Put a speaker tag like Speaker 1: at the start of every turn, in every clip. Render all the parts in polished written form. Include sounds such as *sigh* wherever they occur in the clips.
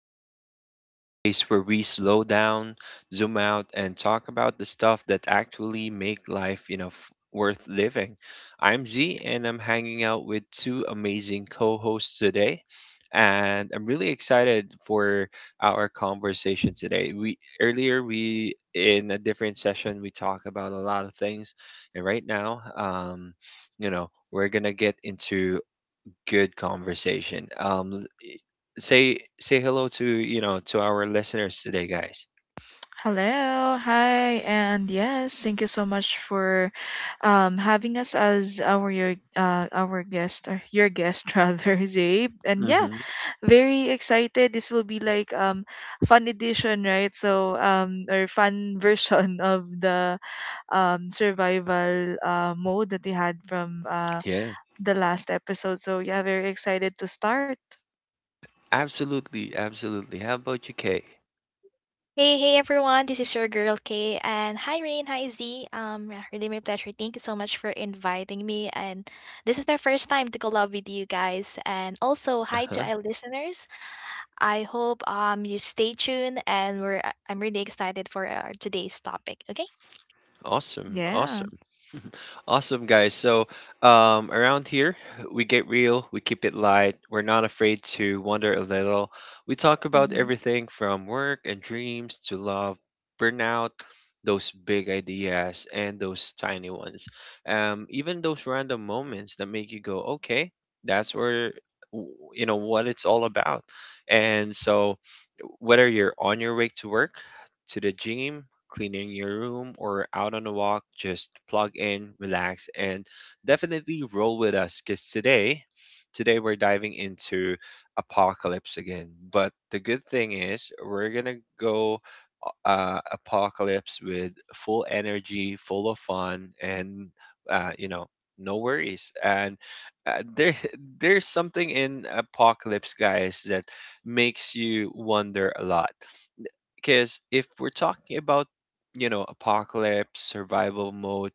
Speaker 1: Vibe Walkers, the space where we slow down, zoom out, and talk about the stuff that actually make life worth living. I'm Z, and I'm hanging out with two amazing co-hosts today, and I'm really excited for our conversation today. We in a different session we talked about a lot of things, and right now, we're gonna get into good conversation. Say hello to you know to our listeners today, guys.
Speaker 2: Hello, hi, and yes, thank you so much for having us as our your our guest or your guest *laughs* rather, Zabe. And yeah,
Speaker 1: Mm-hmm.
Speaker 2: very excited. This will be like fun edition, right? So or fun *laughs* version of the survival mode that they had from
Speaker 1: Yeah,
Speaker 2: the last episode. So yeah, very excited to start.
Speaker 1: absolutely, absolutely. How about you, Kay?
Speaker 3: Hey, hey everyone, this is your girl Kay and hi Rain, hi Z. Yeah, really my pleasure. Thank you so much for inviting me and this is my first time to collab with you guys and also
Speaker 1: Uh
Speaker 3: hi to
Speaker 1: huh.
Speaker 3: our listeners. I hope you stay tuned and we're I'm really excited for our today's topic, okay?
Speaker 1: Awesome,
Speaker 2: Yeah,
Speaker 1: awesome. Awesome, guys. So, around here, we get real, we keep it light, we're not afraid to wander a little. We talk about
Speaker 3: Hmm.
Speaker 1: everything from work and dreams to love, burnout, those big ideas, and those tiny ones. Even those random moments that make you go, okay, that's where, what it's all about. And so, whether you're on your way to work, to the gym, cleaning your room, or out on a walk, just plug in, relax, and definitely roll with us because today, we're diving into apocalypse again. But the good thing is, we're gonna go apocalypse with full energy, full of fun, and uh, you know, no worries. And uh, there, *laughs* there's something in apocalypse, guys, that makes you wonder a lot, because if we're talking about apocalypse survival mode,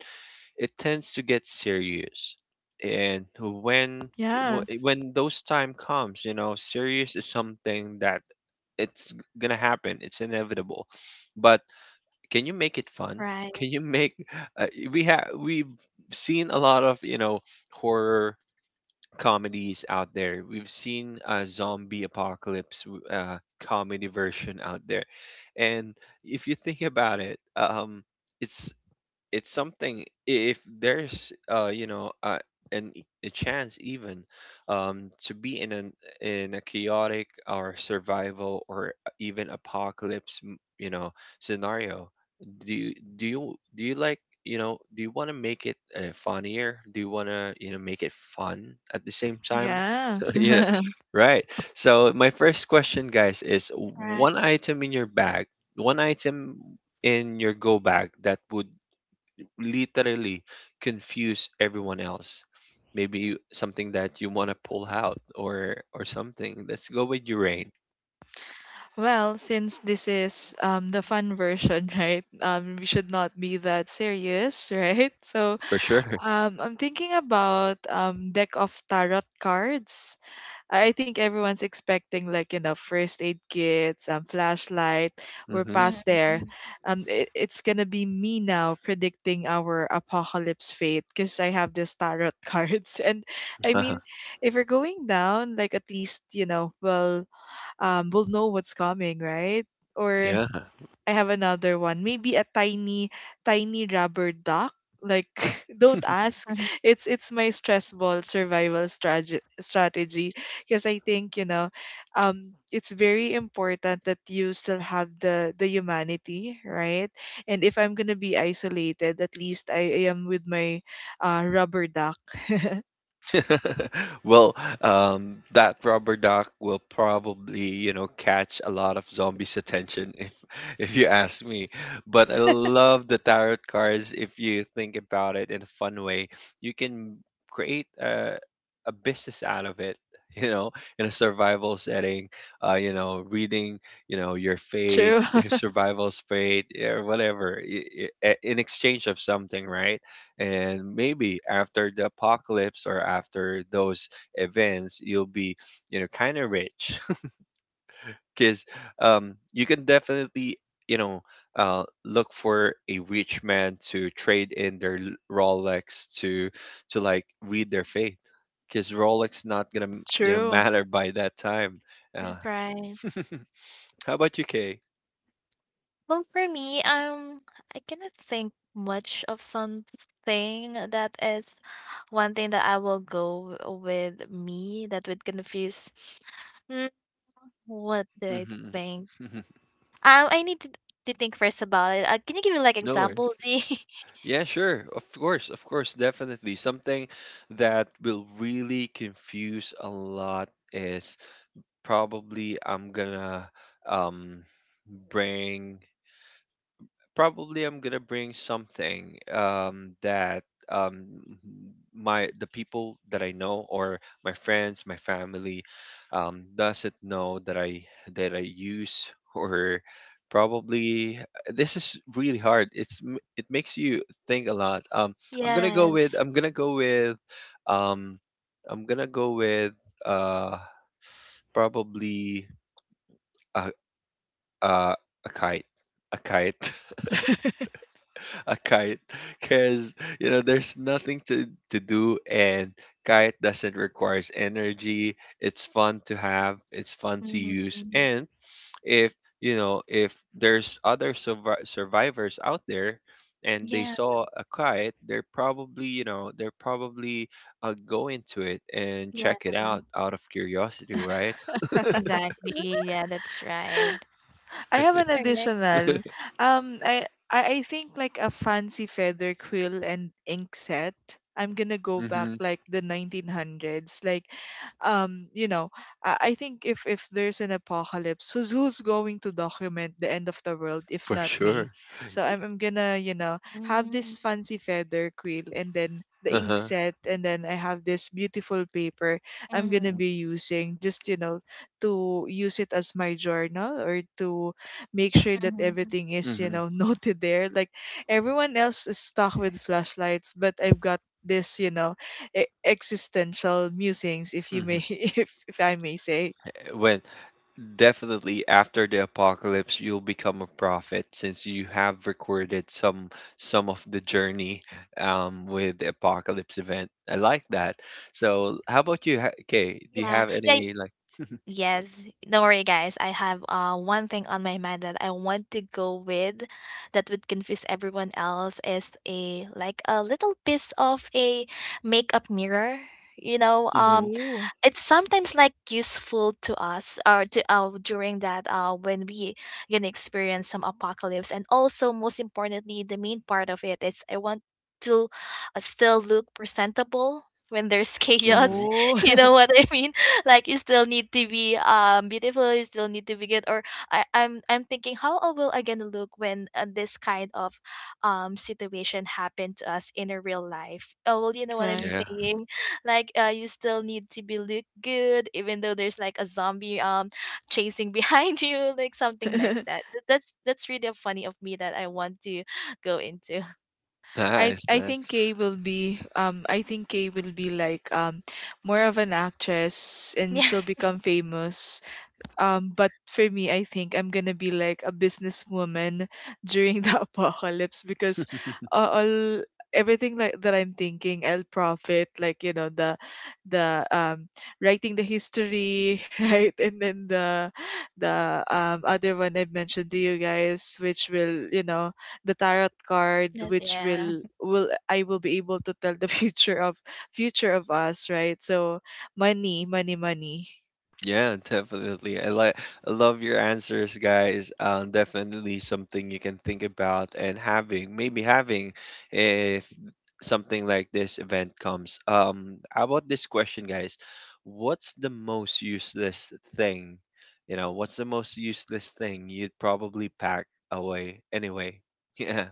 Speaker 1: it tends to get serious. And when
Speaker 2: yeah,
Speaker 1: wh- when those time comes, serious is something that it's gonna happen. It's inevitable. But can you make it fun?
Speaker 3: Right,
Speaker 1: Can you make uh, we have we've seen a lot of horror comedies out there. We've seen a zombie apocalypse comedy version out there, and if you think about it, it's it's something. If there's a chance even to be in a chaotic or survival or even apocalypse scenario, do you like do you want to make it funnier? Do you want to make it fun at the same time?
Speaker 2: yeah.
Speaker 1: *laughs* Yeah,
Speaker 2: *laughs*
Speaker 1: right. So my first question, guys, is
Speaker 3: right.
Speaker 1: one item in your go bag that would literally confuse everyone else. Maybe something that you want to pull out, or something. Let's go with Urain.
Speaker 2: Well, since this is the fun version, *laughs* right? We should not be that serious, *laughs* right? So,
Speaker 1: For sure.
Speaker 2: I'm thinking about deck of tarot cards. I think everyone's expecting like first aid kits, flashlight.
Speaker 1: *laughs*
Speaker 2: We're
Speaker 1: Hmm.
Speaker 2: past there.
Speaker 3: Mhm.
Speaker 2: It's gonna be me now predicting our apocalypse fate because I have this tarot *laughs* cards. And I
Speaker 1: Uh-huh.
Speaker 2: mean, if we're going down, like at least well, will know what's coming, right? Or
Speaker 1: Yeah.
Speaker 2: I have another one. Maybe a tiny, tiny rubber duck. Like, *laughs* don't ask. It's my stress ball survival strategy, because I think, it's very important that you still have the humanity, right? And if I'm gonna be isolated, at least I am with my rubber duck. *laughs*
Speaker 1: *laughs* Well, that rubber duck will probably, catch a lot of zombies' attention if *laughs* if you ask me. But I love the tarot cards. If you think about it in a fun way, you can create a business out of it. *laughs* You know, in a survival setting, reading, your fate,
Speaker 2: True,
Speaker 1: *laughs* your
Speaker 2: *laughs*
Speaker 1: survival's fate, or whatever, in exchange of something, right? And maybe after the apocalypse, or after those events, you'll be kind of rich. *laughs* Because you can definitely you know look for a rich man to trade in their Rolex to like read their fate, because Rolex not gonna
Speaker 2: true.
Speaker 1: matter by that time uh,
Speaker 3: That's right.
Speaker 1: *laughs* how about you, Kay?
Speaker 3: Well, for me, I cannot think much of something that is one thing that I will go with me that would confuse. Mm, what do I
Speaker 1: Hmm.
Speaker 3: think? I need to think first about it. Can you give me like
Speaker 1: *laughs* No worries.
Speaker 3: examples? *laughs*
Speaker 1: Yeah, sure. Of course, definitely. Something that will really confuse a lot is probably I'm gonna um bring probably I'm gonna bring something that um, my the people that I know, or my friends, my family, doesn't know that I use *laughs* or probably. This is really hard. It makes you think a lot. I'm gonna go with
Speaker 3: Yes.
Speaker 1: I'm gonna go with um, I'm gonna go with uh, probably a, a a kite, a kite. *laughs* A kite, because there's nothing to do, and kite doesn't requires energy. It's fun to have, it's fun to
Speaker 3: Hmm.
Speaker 1: use, and if you know if there's other survivors out there, and they
Speaker 3: Yeah.
Speaker 1: saw a kite, they're probably go into it and
Speaker 3: Yeah.
Speaker 1: check it out out of curiosity, right?
Speaker 3: Exactly. Yeah, that's right.
Speaker 2: I have an
Speaker 3: All
Speaker 1: *laughs*
Speaker 3: right.
Speaker 2: additional. Um, I, I think like a fancy feather quill and ink set. I'm gonna go back
Speaker 1: Mm-hmm.
Speaker 2: like the 1900s. Like, um, you know, I think, if there's an apocalypse, who's going to document the end of the world if
Speaker 1: For
Speaker 2: not me?
Speaker 1: sure.
Speaker 2: So I'm gonna, have
Speaker 3: Mm-hmm.
Speaker 2: this fancy feather quill, and then the ink
Speaker 1: Uh-huh.
Speaker 2: set, and then I have this beautiful paper I'm gonna
Speaker 3: Mm-hmm.
Speaker 2: be using, just, to use it as my journal, or to make sure that everything is,
Speaker 1: Mm-hmm.
Speaker 2: *laughs* noted there. Like, everyone else is stuck with flashlights, but I've got this, existential musings, if you
Speaker 1: Hmm.
Speaker 2: may. *laughs* If I may say.
Speaker 1: when Definitely after the apocalypse, you'll become a prophet, since you have recorded some of the journey with the apocalypse event. I like that. So, how about you? Okay, do you
Speaker 3: Yeah.
Speaker 1: have
Speaker 3: Yeah.
Speaker 1: any like? *laughs*
Speaker 3: Yes, don't worry, guys. I have one thing on my mind that I want to go with, that would confuse everyone else is a like a little piece of a makeup mirror. You know,
Speaker 1: Hmm.
Speaker 3: um,
Speaker 2: Oh,
Speaker 3: it's sometimes like useful to us or to during that when we gonna experience some apocalypse, and also most importantly the main part of it is I want to still look presentable when there's *laughs* chaos.
Speaker 1: Hmm.
Speaker 2: oh.
Speaker 3: You know
Speaker 2: *laughs*
Speaker 3: what I mean? Like, you still need to be beautiful, you still need to be good. Or I'm thinking how I gonna look when this kind of situation happened to us in a real life. Oh well, you know what I'm
Speaker 2: Right.
Speaker 1: Yeah,
Speaker 3: saying. Like, you still need to be look good, even though there's like a zombie *laughs* *sighs* chasing behind you, like something like
Speaker 2: *laughs*
Speaker 3: that. That's that's really a funny of me that I want to go into. *laughs*
Speaker 2: I
Speaker 1: nice,
Speaker 2: I think
Speaker 1: nice.
Speaker 2: Kay will be, I think Kay will be like, more of an actress, and
Speaker 3: Yeah.
Speaker 2: she'll become famous. But for me, I think I'm gonna be like a businesswoman *laughs* during the apocalypse, because,
Speaker 1: *laughs*
Speaker 2: all everything, like that I'm thinking, I'll profit. Like, the writing the history, *laughs* right, and then the other one I mentioned to you guys, which will, the tarot card, which
Speaker 3: Yeah,
Speaker 2: will, I will be able to tell the *laughs* future of us, right? So money, money, money.
Speaker 1: Yeah, definitely. I love your answers, guys. Definitely something you can think about, and maybe having if something like this event comes. How about this question, guys? What's the most useless thing? What's the most useless thing you'd probably pack away anyway? *laughs* Yeah.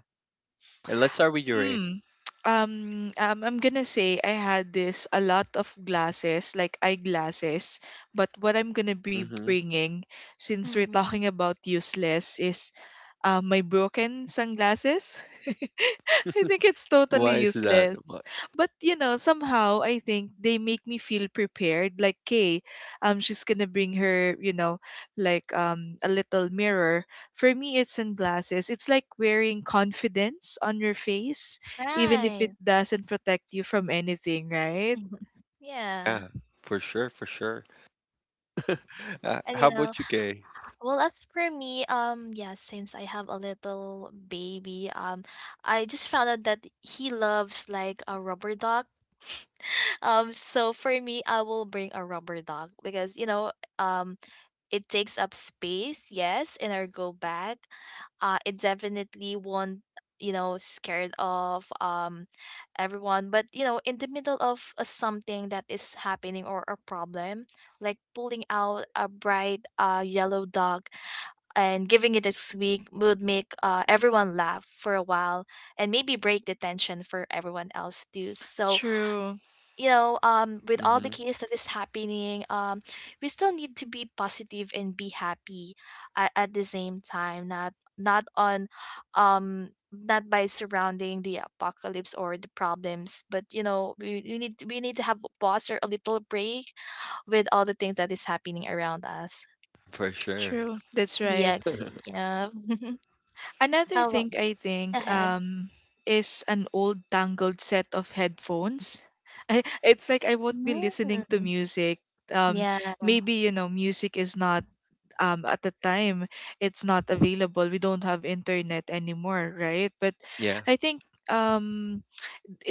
Speaker 1: And let's start with your eight.
Speaker 2: Mm. Um, I'm gonna say I had this a lot of glasses, like eyeglasses. But what I'm gonna be
Speaker 1: Mm-hmm.
Speaker 2: bringing, since we're
Speaker 3: mm,
Speaker 2: talking about useless, is, my broken sunglasses. *laughs* I think it's totally
Speaker 1: Why is that?
Speaker 2: useless. But, somehow I think they make me feel prepared. Like Kay, she's gonna bring her, like, a little mirror. For me, it's sunglasses. It's like wearing confidence on your face, even if it
Speaker 3: right.
Speaker 2: doesn't protect you from anything, right?
Speaker 3: *laughs* Yeah.
Speaker 1: Yeah, for sure, for sure. *laughs* Uh,
Speaker 3: And
Speaker 1: how
Speaker 3: you know,
Speaker 1: about you, Kay?
Speaker 3: well, as for me, yeah, since I have a little baby, I just found out that he loves like a rubber dog. *laughs* So for me, I will bring a rubber dog because you know, um, it takes up space, yes, in our go bag. It definitely won't, you know, scared of everyone. But you know, in the middle of something that is happening or a problem, like pulling out a bright yellow dog and giving it a squeak would make everyone laugh for a while and maybe break the tension for everyone else too. So
Speaker 2: True,
Speaker 3: you know, with all the chaos that is happening, we still need to be positive and be happy at the same time. Not by surrounding the apocalypse or the problems, but you know, we need to we need to have a pause or a little break with all the things that is happening around us.
Speaker 1: For sure.
Speaker 2: true. That's
Speaker 3: Do you
Speaker 2: right.
Speaker 3: agree?
Speaker 1: *laughs*
Speaker 3: Yeah. *laughs*
Speaker 2: Another
Speaker 3: How about go
Speaker 2: thing I think,
Speaker 3: ahead?
Speaker 2: is an old tangled set of headphones. *laughs* It's like I won't be listening to
Speaker 3: Mm,
Speaker 2: music. Um
Speaker 3: yeah,
Speaker 2: maybe music is not, at the time, it's not available. We don't have internet anymore, right? But
Speaker 1: Yeah,
Speaker 2: I think,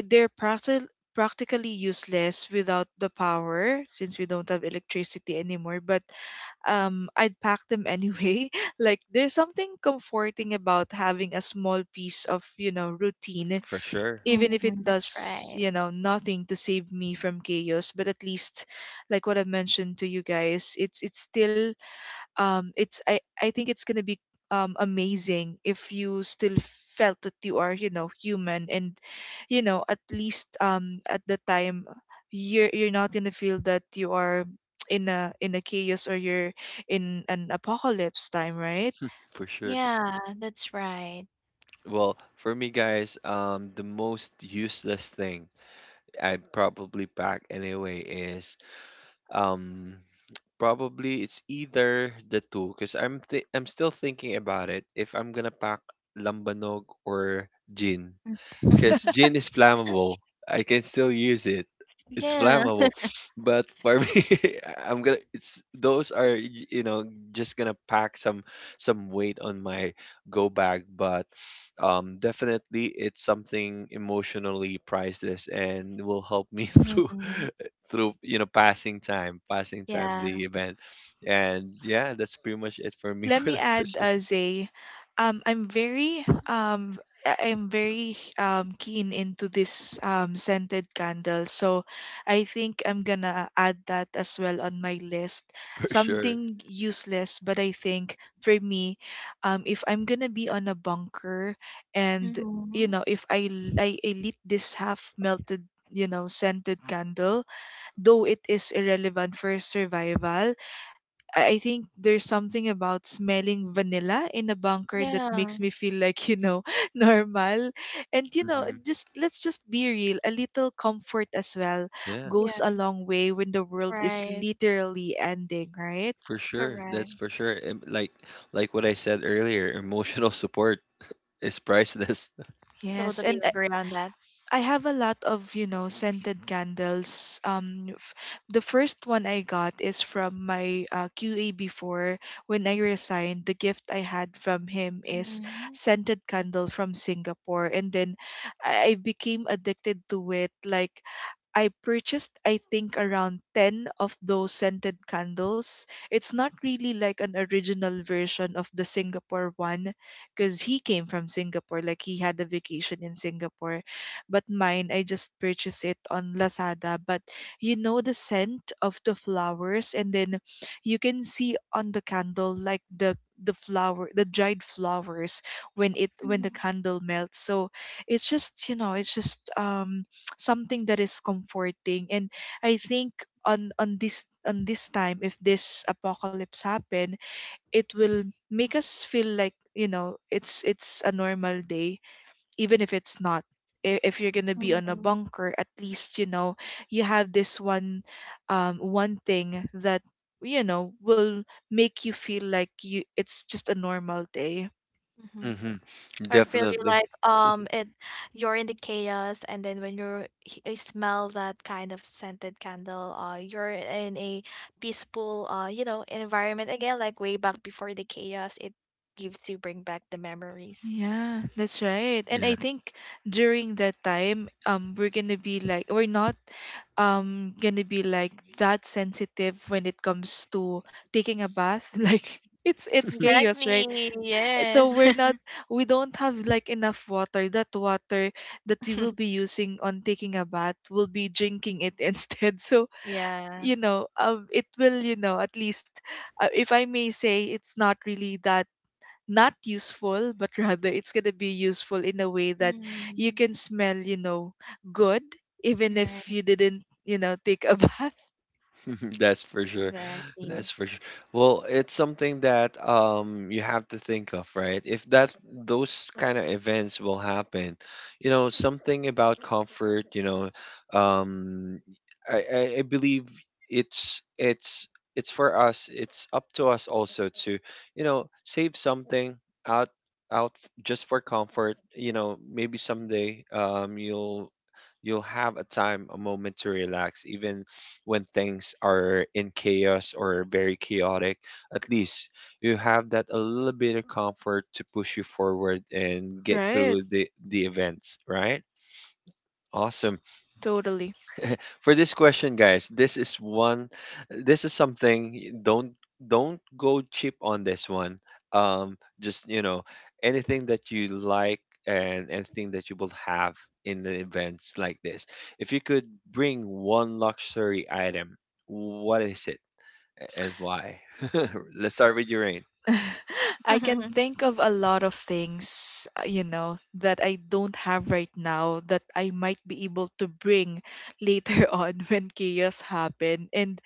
Speaker 2: they're practically useless without the power, since we don't have electricity anymore. But, I'd pack them anyway. *laughs* Like, there's something comforting about having a small piece of routine,
Speaker 1: for sure.
Speaker 2: even if it
Speaker 3: mhm, that's
Speaker 2: does,
Speaker 3: right.
Speaker 2: you know, nothing to save me from chaos. But at least, like what I mentioned to you guys, it's still, it's I think it's going to be, amazing if you still felt that you are, human. And, at least, at the time, you're not going to feel that you are in a chaos or you're in an apocalypse time, right?
Speaker 1: For sure.
Speaker 3: Yeah, that's right.
Speaker 1: Well, for me, guys, the most useless thing I probably pack anyway is um probably, it's either the two, cuz I'm still thinking about it if I'm going to pack lambanog or gin. Because
Speaker 3: *laughs*
Speaker 1: gin is flammable. I can still use it. It's
Speaker 3: Yeah.
Speaker 1: flammable, but for me, *laughs* I'm gonna. It's those are just gonna pack some weight on my go bag, but definitely it's something emotionally priceless and will help me *laughs* through
Speaker 3: Mhm.
Speaker 1: through passing time
Speaker 3: Yeah.
Speaker 1: the event, and yeah, that's pretty much it for me *laughs*
Speaker 2: Let
Speaker 1: for
Speaker 2: me
Speaker 1: the
Speaker 2: add,
Speaker 1: question.
Speaker 2: Zay. Um, I'm very um I'm very keen into this, scented candle. So I think I'm gonna add that as well on my list.
Speaker 1: For sure.
Speaker 2: Something useless, but I think for me, if I'm gonna be on a bunker, and,
Speaker 3: Mhm.
Speaker 2: if I lit this half melted, scented candle, though it is irrelevant for survival, I think there's something about smelling vanilla in a bunker that
Speaker 3: Yeah.
Speaker 2: makes me feel like *laughs* normal. And
Speaker 1: Hmm.
Speaker 2: just, let's just be real. A little comfort as well
Speaker 1: Yeah.
Speaker 2: goes a
Speaker 3: Yeah.
Speaker 2: long way when the world is
Speaker 3: Right.
Speaker 2: literally ending, right?
Speaker 1: For sure,
Speaker 3: Correct.
Speaker 1: that's for sure. Like what I said earlier, *laughs* emotional support is priceless.
Speaker 2: Yes.
Speaker 3: Totally
Speaker 2: And
Speaker 3: agree on that.
Speaker 2: I have a lot of scented candles. The first one I got is from my, QA before, when I resigned. The gift I had from him is
Speaker 3: Mhm.
Speaker 2: scented candle from Singapore, and then I became addicted to it. Like, I purchased, I think, around 10 of those scented candles. It's not really like an original version of the Singapore one, because he came from Singapore, like he had a vacation in Singapore. But mine, I just purchased it on Lazada. But, the scent of the flowers, and then you can see on the candle, like the flower the dried flowers, when
Speaker 3: Mhm.
Speaker 2: the candle melts. So it's just something that is comforting. And I think on this time, if this apocalypse happen, it will make us feel like, it's a normal day, even if it's not. If you're going to be on a
Speaker 3: Mhm.
Speaker 2: bunker, at least, you have this one thing that, will make you feel like, you, it's just a normal day.
Speaker 1: *laughs*
Speaker 3: Mhm.
Speaker 1: Hmm.
Speaker 3: Or feel you
Speaker 1: Definitely.
Speaker 3: like it you're in the chaos, and then when you smell that kind of scented candle, you're in a peaceful you know environment again, like way back before the chaos. It gives you, bring back the memories.
Speaker 2: Yeah, that's right. And I think during that time, we're gonna be like, we're not, gonna be like that sensitive when it comes to taking a bath. *laughs* Like, it's chaos, right?
Speaker 3: Exactly.
Speaker 2: And so
Speaker 3: Yes.
Speaker 2: we don't have like enough water. That water that we
Speaker 3: *laughs*
Speaker 2: will be using on taking a bath, we'll be drinking it *laughs* instead. So,
Speaker 3: Yeah.
Speaker 2: it will at least, if I may say, it's not really that not useful, but rather it's going to be useful in a way that you
Speaker 3: Mm.
Speaker 2: can smell good, even
Speaker 3: Right.
Speaker 2: if you didn't take a *laughs* bath.
Speaker 1: *laughs* That's for sure. That's
Speaker 3: Exactly.
Speaker 1: for sure. Well, it's something that you have to think of, right? If that those kind of events will happen, something about comfort, um I believe it's it's it's for us. It's up to us also to, save something out out just for comfort. Maybe someday you'll have a time, a moment to relax, even when things are in chaos or very chaotic. At least you have that a little bit of comfort to push you forward and get
Speaker 2: Right.
Speaker 1: through the events, right? Awesome.
Speaker 2: Totally.
Speaker 1: For this question, guys, this is something, don't go cheap on this one. Just, anything that you like, and anything that you will have in the events like this. If you could bring one luxury item, what is it? And why? *laughs* Let's start with your Urain.
Speaker 2: *laughs* I can think
Speaker 3: *laughs*
Speaker 2: of a lot of things, that I don't have right now that I might be able to bring later *laughs* on when chaos happen. And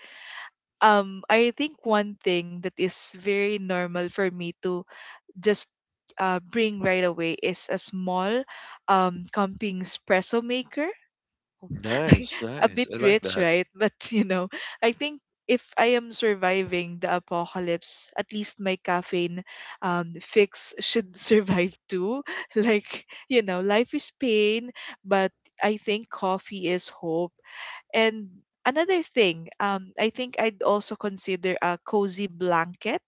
Speaker 2: um, I think one thing that is very normal for me to just, bring right away is a small, camping espresso maker. *laughs*
Speaker 1: Nice,
Speaker 2: A
Speaker 1: nice.
Speaker 2: bit
Speaker 1: I like
Speaker 2: rich,
Speaker 1: that.
Speaker 2: right? But *laughs* I think if I am surviving the apocalypse, at least my caffeine, fix should survive too. *laughs* Like, life is pain, but I think coffee is hope. And another thing, I think I'd also consider a cozy blanket,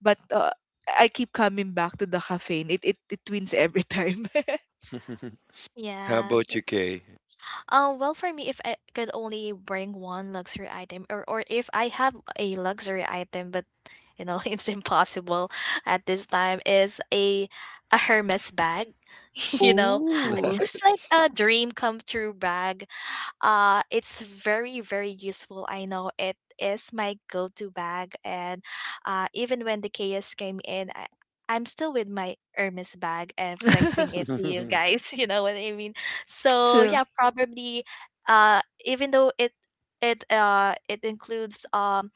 Speaker 2: but, I keep coming back to the caffeine. It wins every time. *laughs*
Speaker 1: *laughs* How
Speaker 3: Yeah,
Speaker 1: about you,
Speaker 3: that's
Speaker 1: Kay?
Speaker 3: well, for me, if I could only bring one luxury item, or if I have a luxury item but you know *laughs* it's impossible at this time, is a Hermes bag. *laughs* You know,
Speaker 2: Oh.
Speaker 1: *laughs*
Speaker 3: just like
Speaker 1: Nice.
Speaker 3: a dream come true bag. It's very, very useful. I know it is my go to bag. And even when the chaos came in, I'm still with my Hermes bag and flexing it
Speaker 2: *laughs*
Speaker 3: to you
Speaker 1: *laughs*
Speaker 3: guys. *laughs* You know what I mean? So
Speaker 2: True.
Speaker 3: yeah, probably even though it includes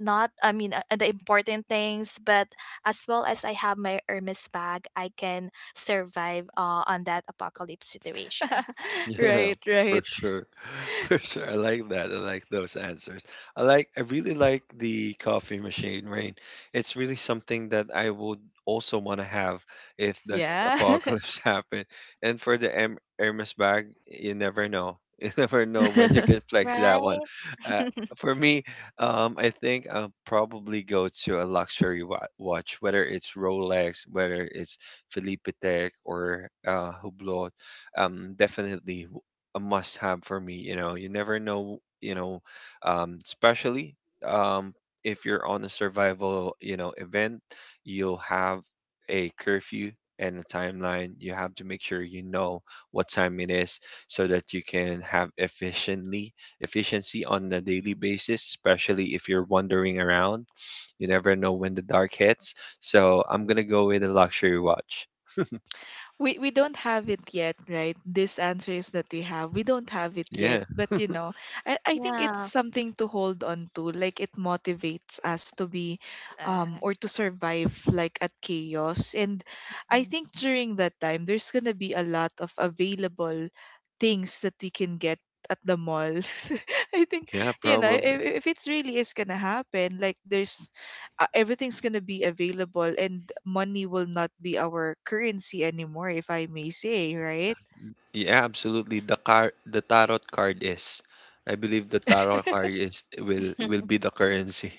Speaker 3: not, the important things, but as well as I have my Hermes bag I can survive on that apocalypse situation.
Speaker 2: *laughs*
Speaker 1: *laughs* Yeah,
Speaker 2: Right,
Speaker 1: for
Speaker 2: right.
Speaker 1: sure. *laughs* For sure. I like that. I like those answers. I really like the coffee machine, Rain. It's really something that I would also want to have if the
Speaker 2: Yeah.
Speaker 1: apocalypse *laughs* happened. And for the Hermes bag, you never know. *laughs* You never know when you can
Speaker 2: *laughs*
Speaker 1: flex that one.
Speaker 3: Right.
Speaker 1: Uh,
Speaker 3: *laughs*
Speaker 1: for me, I think I'll probably go to a luxury watch, whether it's Rolex, whether it's Felipe Tech, or Hublot. Definitely a must have for me, you never know, especially um if you're on a survival event, you'll have a curfew and a timeline. You have to make sure you know what time it is, so that you can have efficiently efficiency on a daily basis, especially if you're wandering around. You never know when the dark hits. So I'm gonna go with a luxury watch.
Speaker 2: We don't have it yet, right? These answers that we don't have it
Speaker 1: Yeah.
Speaker 2: yet, but, I think it's
Speaker 3: Yeah.
Speaker 2: something to hold on to, like it motivates us to be,
Speaker 3: Back.
Speaker 2: or to survive, like at chaos. And I
Speaker 3: Mm.
Speaker 2: think during that time, there's gonna be a lot of available things that we can get at the mall. *laughs* I think,
Speaker 1: Yeah,
Speaker 2: you know
Speaker 1: probably.
Speaker 2: if, if it's really is gonna happen, like there's everything's going to be available, and money will not be our currency anymore, if I may say, right?
Speaker 1: Yeah, absolutely. The card, the tarot card is. I believe the tarot card is will be the
Speaker 3: *laughs*
Speaker 1: currency.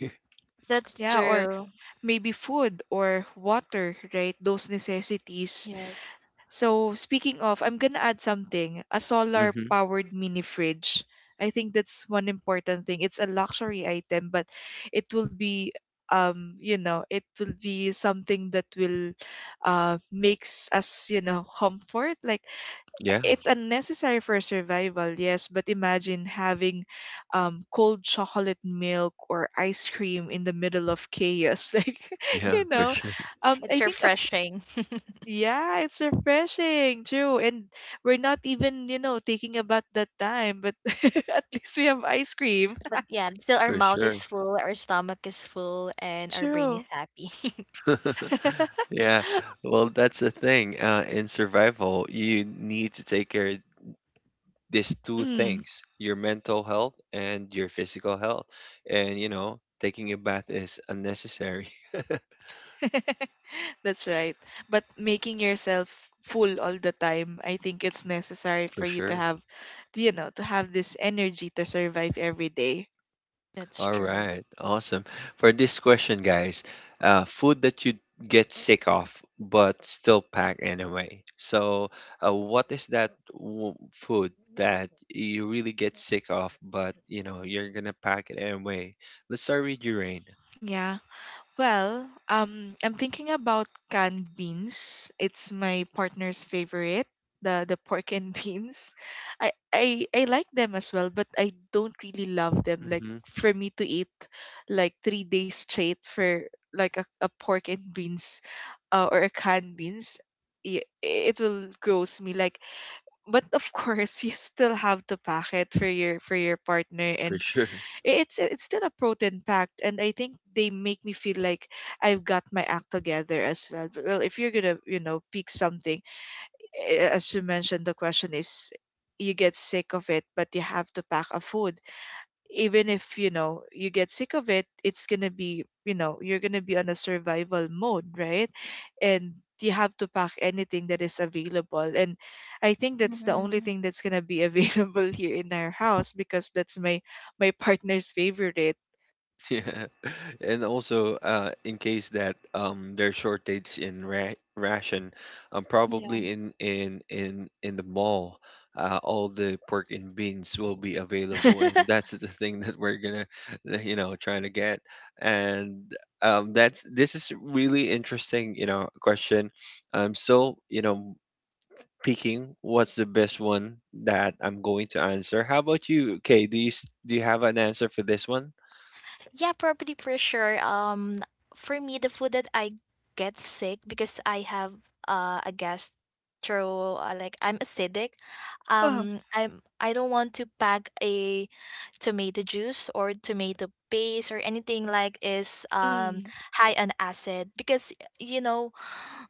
Speaker 3: That's
Speaker 2: Yeah, or
Speaker 3: true.
Speaker 2: maybe food or water, right, those necessities.
Speaker 3: Yes.
Speaker 2: So, speaking of, I'm going to add something, a solar
Speaker 1: *laughs* Hmm.
Speaker 2: powered mini fridge. I think that's one important thing. It's a luxury item, but it will be you know it will be something that will, makes us, comfort, like.
Speaker 1: Yeah,
Speaker 2: It's unnecessary for survival, yes, but imagine having, cold chocolate milk or ice cream in the middle of chaos. *laughs* Like,
Speaker 1: yeah,
Speaker 2: you
Speaker 1: for
Speaker 2: know,
Speaker 1: sure,
Speaker 2: um,
Speaker 3: It's
Speaker 2: I think, a,
Speaker 3: refreshing. *laughs*
Speaker 2: yeah, it's refreshing, true. And we're not even, thinking about that time, but *laughs* at least we have ice cream.
Speaker 3: But yeah, still our
Speaker 1: for
Speaker 3: mouth
Speaker 1: sure.
Speaker 3: is full, our stomach is full,
Speaker 2: *laughs*
Speaker 3: and our brain
Speaker 2: True.
Speaker 3: is happy.
Speaker 1: *laughs*
Speaker 2: *laughs*
Speaker 1: Yeah, well, that's the thing. In survival, you need to take care of these two
Speaker 2: Mm.
Speaker 1: things, your mental health and your physical health. And taking a bath is unnecessary.
Speaker 2: *laughs* That's right. But making yourself full all the time, I think it's necessary
Speaker 1: *laughs* For
Speaker 2: for you to
Speaker 1: sure.
Speaker 2: have, you know, to have this energy to survive every day.
Speaker 3: *laughs* That's
Speaker 1: All
Speaker 3: true.
Speaker 1: right, awesome. For this question, guys, food that you get sick of but still pack anyway. So, what is that w food that you really get sick of, but you're gonna pack it anyway? Let's start with your rain.
Speaker 2: Yeah. Well, I'm thinking about canned beans. It's my partner's favorite, the pork and *laughs* beans. I like them as well, but I don't really love them. Like
Speaker 1: Hmm.
Speaker 2: for me to eat like 3 days straight for like a pork and beans or canned beans, it will gross me. Like, but of *laughs* course, you still have to pack it for your partner,
Speaker 1: For
Speaker 2: and
Speaker 1: sure.
Speaker 2: it's still a protein packed. And I think they make me feel like I've got my act together as well. But, well, if you're gonna pick something, as you mentioned, the question is you get sick of it, but you have to pack a food even if you know you get sick of it, it's gonna be you're gonna be on a survival mode, right? And you have to pack anything that is available, and I think that's the only
Speaker 3: Mhm.
Speaker 2: thing that's gonna be available *laughs* here in our house because that's my partner's favorite.
Speaker 1: Yeah. *laughs* And also, in case that there's shortage in ra ration, probably in the mall, all the pork and beans will be available, and
Speaker 2: *laughs*
Speaker 1: that's the thing that we're gonna, *laughs* trying to get. And that's this is really interesting, question. I'm still, picking what's the best one that I'm going to answer. How about you, Kay? Do you have an answer for this one?
Speaker 3: Yeah, probably for sure. For me, the food that I get sick because I have a gastro, like I'm acidic.
Speaker 2: Wow.
Speaker 3: I don't want to pack a tomato juice or tomato paste or anything like is
Speaker 2: Mm.
Speaker 3: high on acid because you know,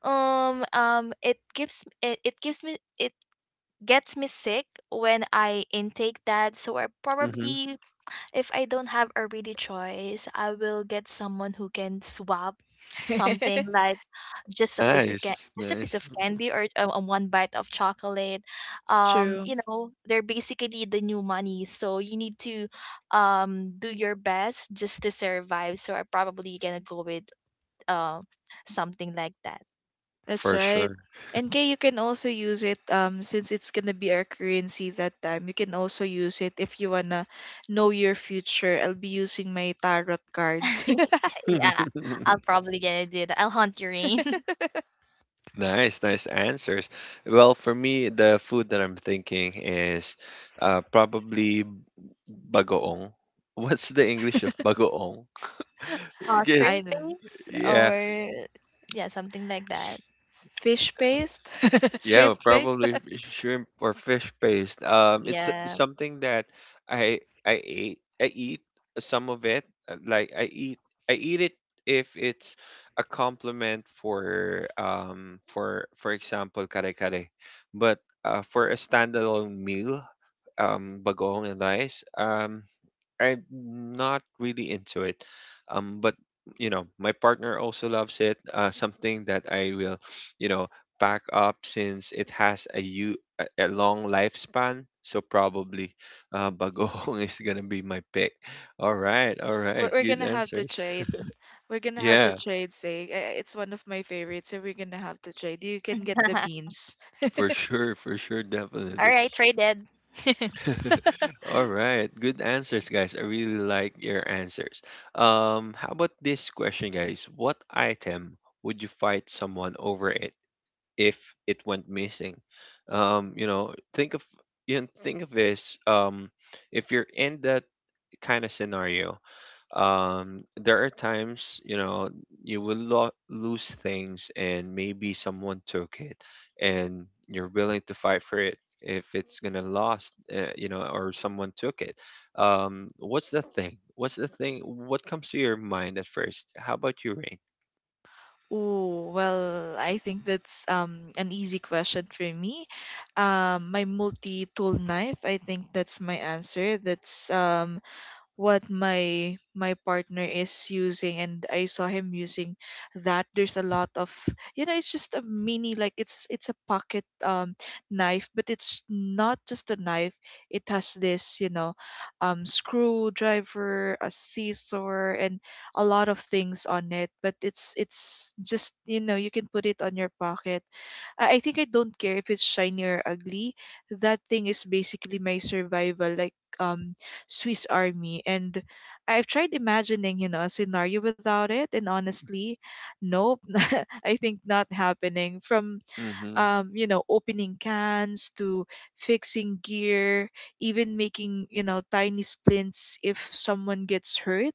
Speaker 3: it gives it gives me, it gets me sick when I intake that. So I
Speaker 1: Mm-hmm.
Speaker 3: probably, if I don't have a really choice, I will get someone who can swap something
Speaker 2: *laughs*
Speaker 3: like
Speaker 1: Nice,
Speaker 3: just a piece
Speaker 1: nice,
Speaker 3: of candy or one bite of chocolate.
Speaker 2: True.
Speaker 3: You know, they're basically the new money, so you need to do your best just to survive. So I'm probably gonna go with uh, something like that.
Speaker 2: That's
Speaker 1: for
Speaker 2: right.
Speaker 1: sure.
Speaker 2: And Kay, you can also use it, um, since it's gonna be our currency that time. You can also use it if you wanna know your future. I'll be using my tarot cards.
Speaker 3: *laughs* Yeah, I'll
Speaker 1: *laughs*
Speaker 3: probably gonna do that. I'll hunt your rain.
Speaker 1: Nice, nice answers. Well, for me, the food that I'm thinking is probably bagoong. *laughs* What's the English of bagoong?
Speaker 3: *laughs* Uh,
Speaker 2: *laughs*
Speaker 1: Yes,
Speaker 2: I
Speaker 3: shrimp
Speaker 2: know.
Speaker 3: paste
Speaker 1: yeah.
Speaker 3: or yeah, something like that.
Speaker 2: Fish paste, *laughs*
Speaker 1: Yeah, well,
Speaker 2: shrimp paste.
Speaker 1: probably shrimp or fish paste. It's
Speaker 3: Yeah.
Speaker 1: something that I I eat some of it. Like I eat it if it's a compliment for example kare kare, but for a standalone meal, bagong and rice, I'm not really into it. But my partner also loves it. Something that I will, you know, pack up since it has a u a long lifespan. So probably, bagoong *laughs* is gonna be my pick. All
Speaker 2: We're,
Speaker 1: right,
Speaker 2: we're
Speaker 1: good
Speaker 2: gonna have to
Speaker 1: answers.
Speaker 2: trade.
Speaker 1: *laughs*
Speaker 2: We're gonna have to
Speaker 1: Yeah,
Speaker 2: trade. Say, it's one of my favorites, so we're gonna have to trade. You can get the
Speaker 3: *laughs*
Speaker 2: beans.
Speaker 1: for sure,
Speaker 3: All
Speaker 1: definitely.
Speaker 3: right, traded. *laughs*
Speaker 1: *laughs* All
Speaker 2: *laughs*
Speaker 1: right, good answers, guys. I really like your answers. How about this question, guys? What item would you fight someone over it if it went missing? Um, you know, think of you know, think of this. If you're in that kind of scenario, there are times, you will lose things, and maybe someone took it, and you're willing to fight for it if it's gonna lost, or someone took it. What's the thing, what comes to your mind at first? How about you, Rain?
Speaker 2: Oh, well, I think that's an easy question for me. My multi-tool knife, I think that's my answer. That's what my partner is using, and I saw him using that. There's a lot of, you know, it's just a mini, like it's a pocket, um, knife, but it's not just a knife. It has this, you know, um, screwdriver, a scissor, and a lot of things on it, but it's just, you know, you can put it on your pocket. I think I don't care if it's shiny or ugly. That thing is basically my survival, like, um, Swiss Army. And I've tried imagining, you know, a scenario without it, and honestly, nope, *laughs* I think not happening. From
Speaker 1: Mm-hmm.
Speaker 2: you know, opening cans to fixing gear, even making, you know, tiny splints if someone gets hurt.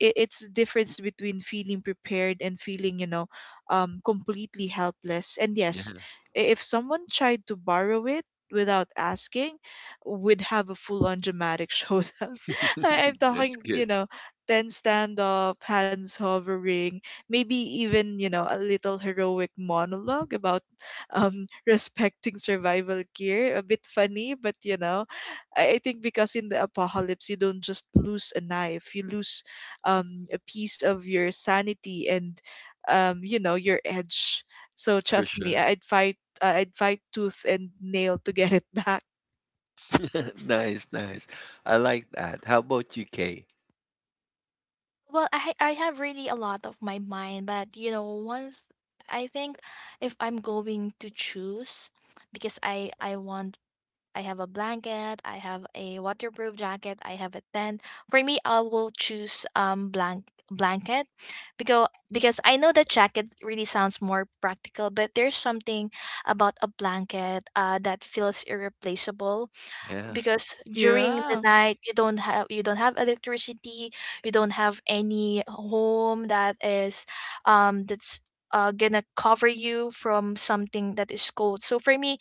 Speaker 2: It's the difference between feeling prepared and feeling, you know, completely helpless. And yes,
Speaker 1: Yeah,
Speaker 2: if someone tried to borrow it without asking, would have a full on dramatic *laughs* showdown. I'm
Speaker 1: *laughs* that's
Speaker 2: talking,
Speaker 1: good,
Speaker 2: you know, 10 standoff, hands hovering, maybe even, you know, a little heroic monologue about, *laughs* respecting survival gear. A bit funny, but you know, I think because in the apocalypse, you don't just lose a knife, you lose, a piece of your sanity and, you know, your edge. So
Speaker 1: for
Speaker 2: trust me,
Speaker 1: sure.
Speaker 2: would fight. I'd fight tooth and nail to get *laughs* it back.
Speaker 1: *laughs* Nice, nice. I like that. How about you, Kay?
Speaker 3: Well, I have really a lot of my mind, but you know, once I think, if I'm going to choose, because I want, I have a blanket, I have a waterproof jacket, I have a tent. For me, I will choose blanket, because I know that jacket really sounds more practical, but there's something about a blanket that feels irreplaceable.
Speaker 1: Yeah.
Speaker 3: Because during the
Speaker 2: Yeah.
Speaker 3: night, you don't have, you don't have electricity, you don't have any home that is that's gonna cover you from something that is cold. So for me,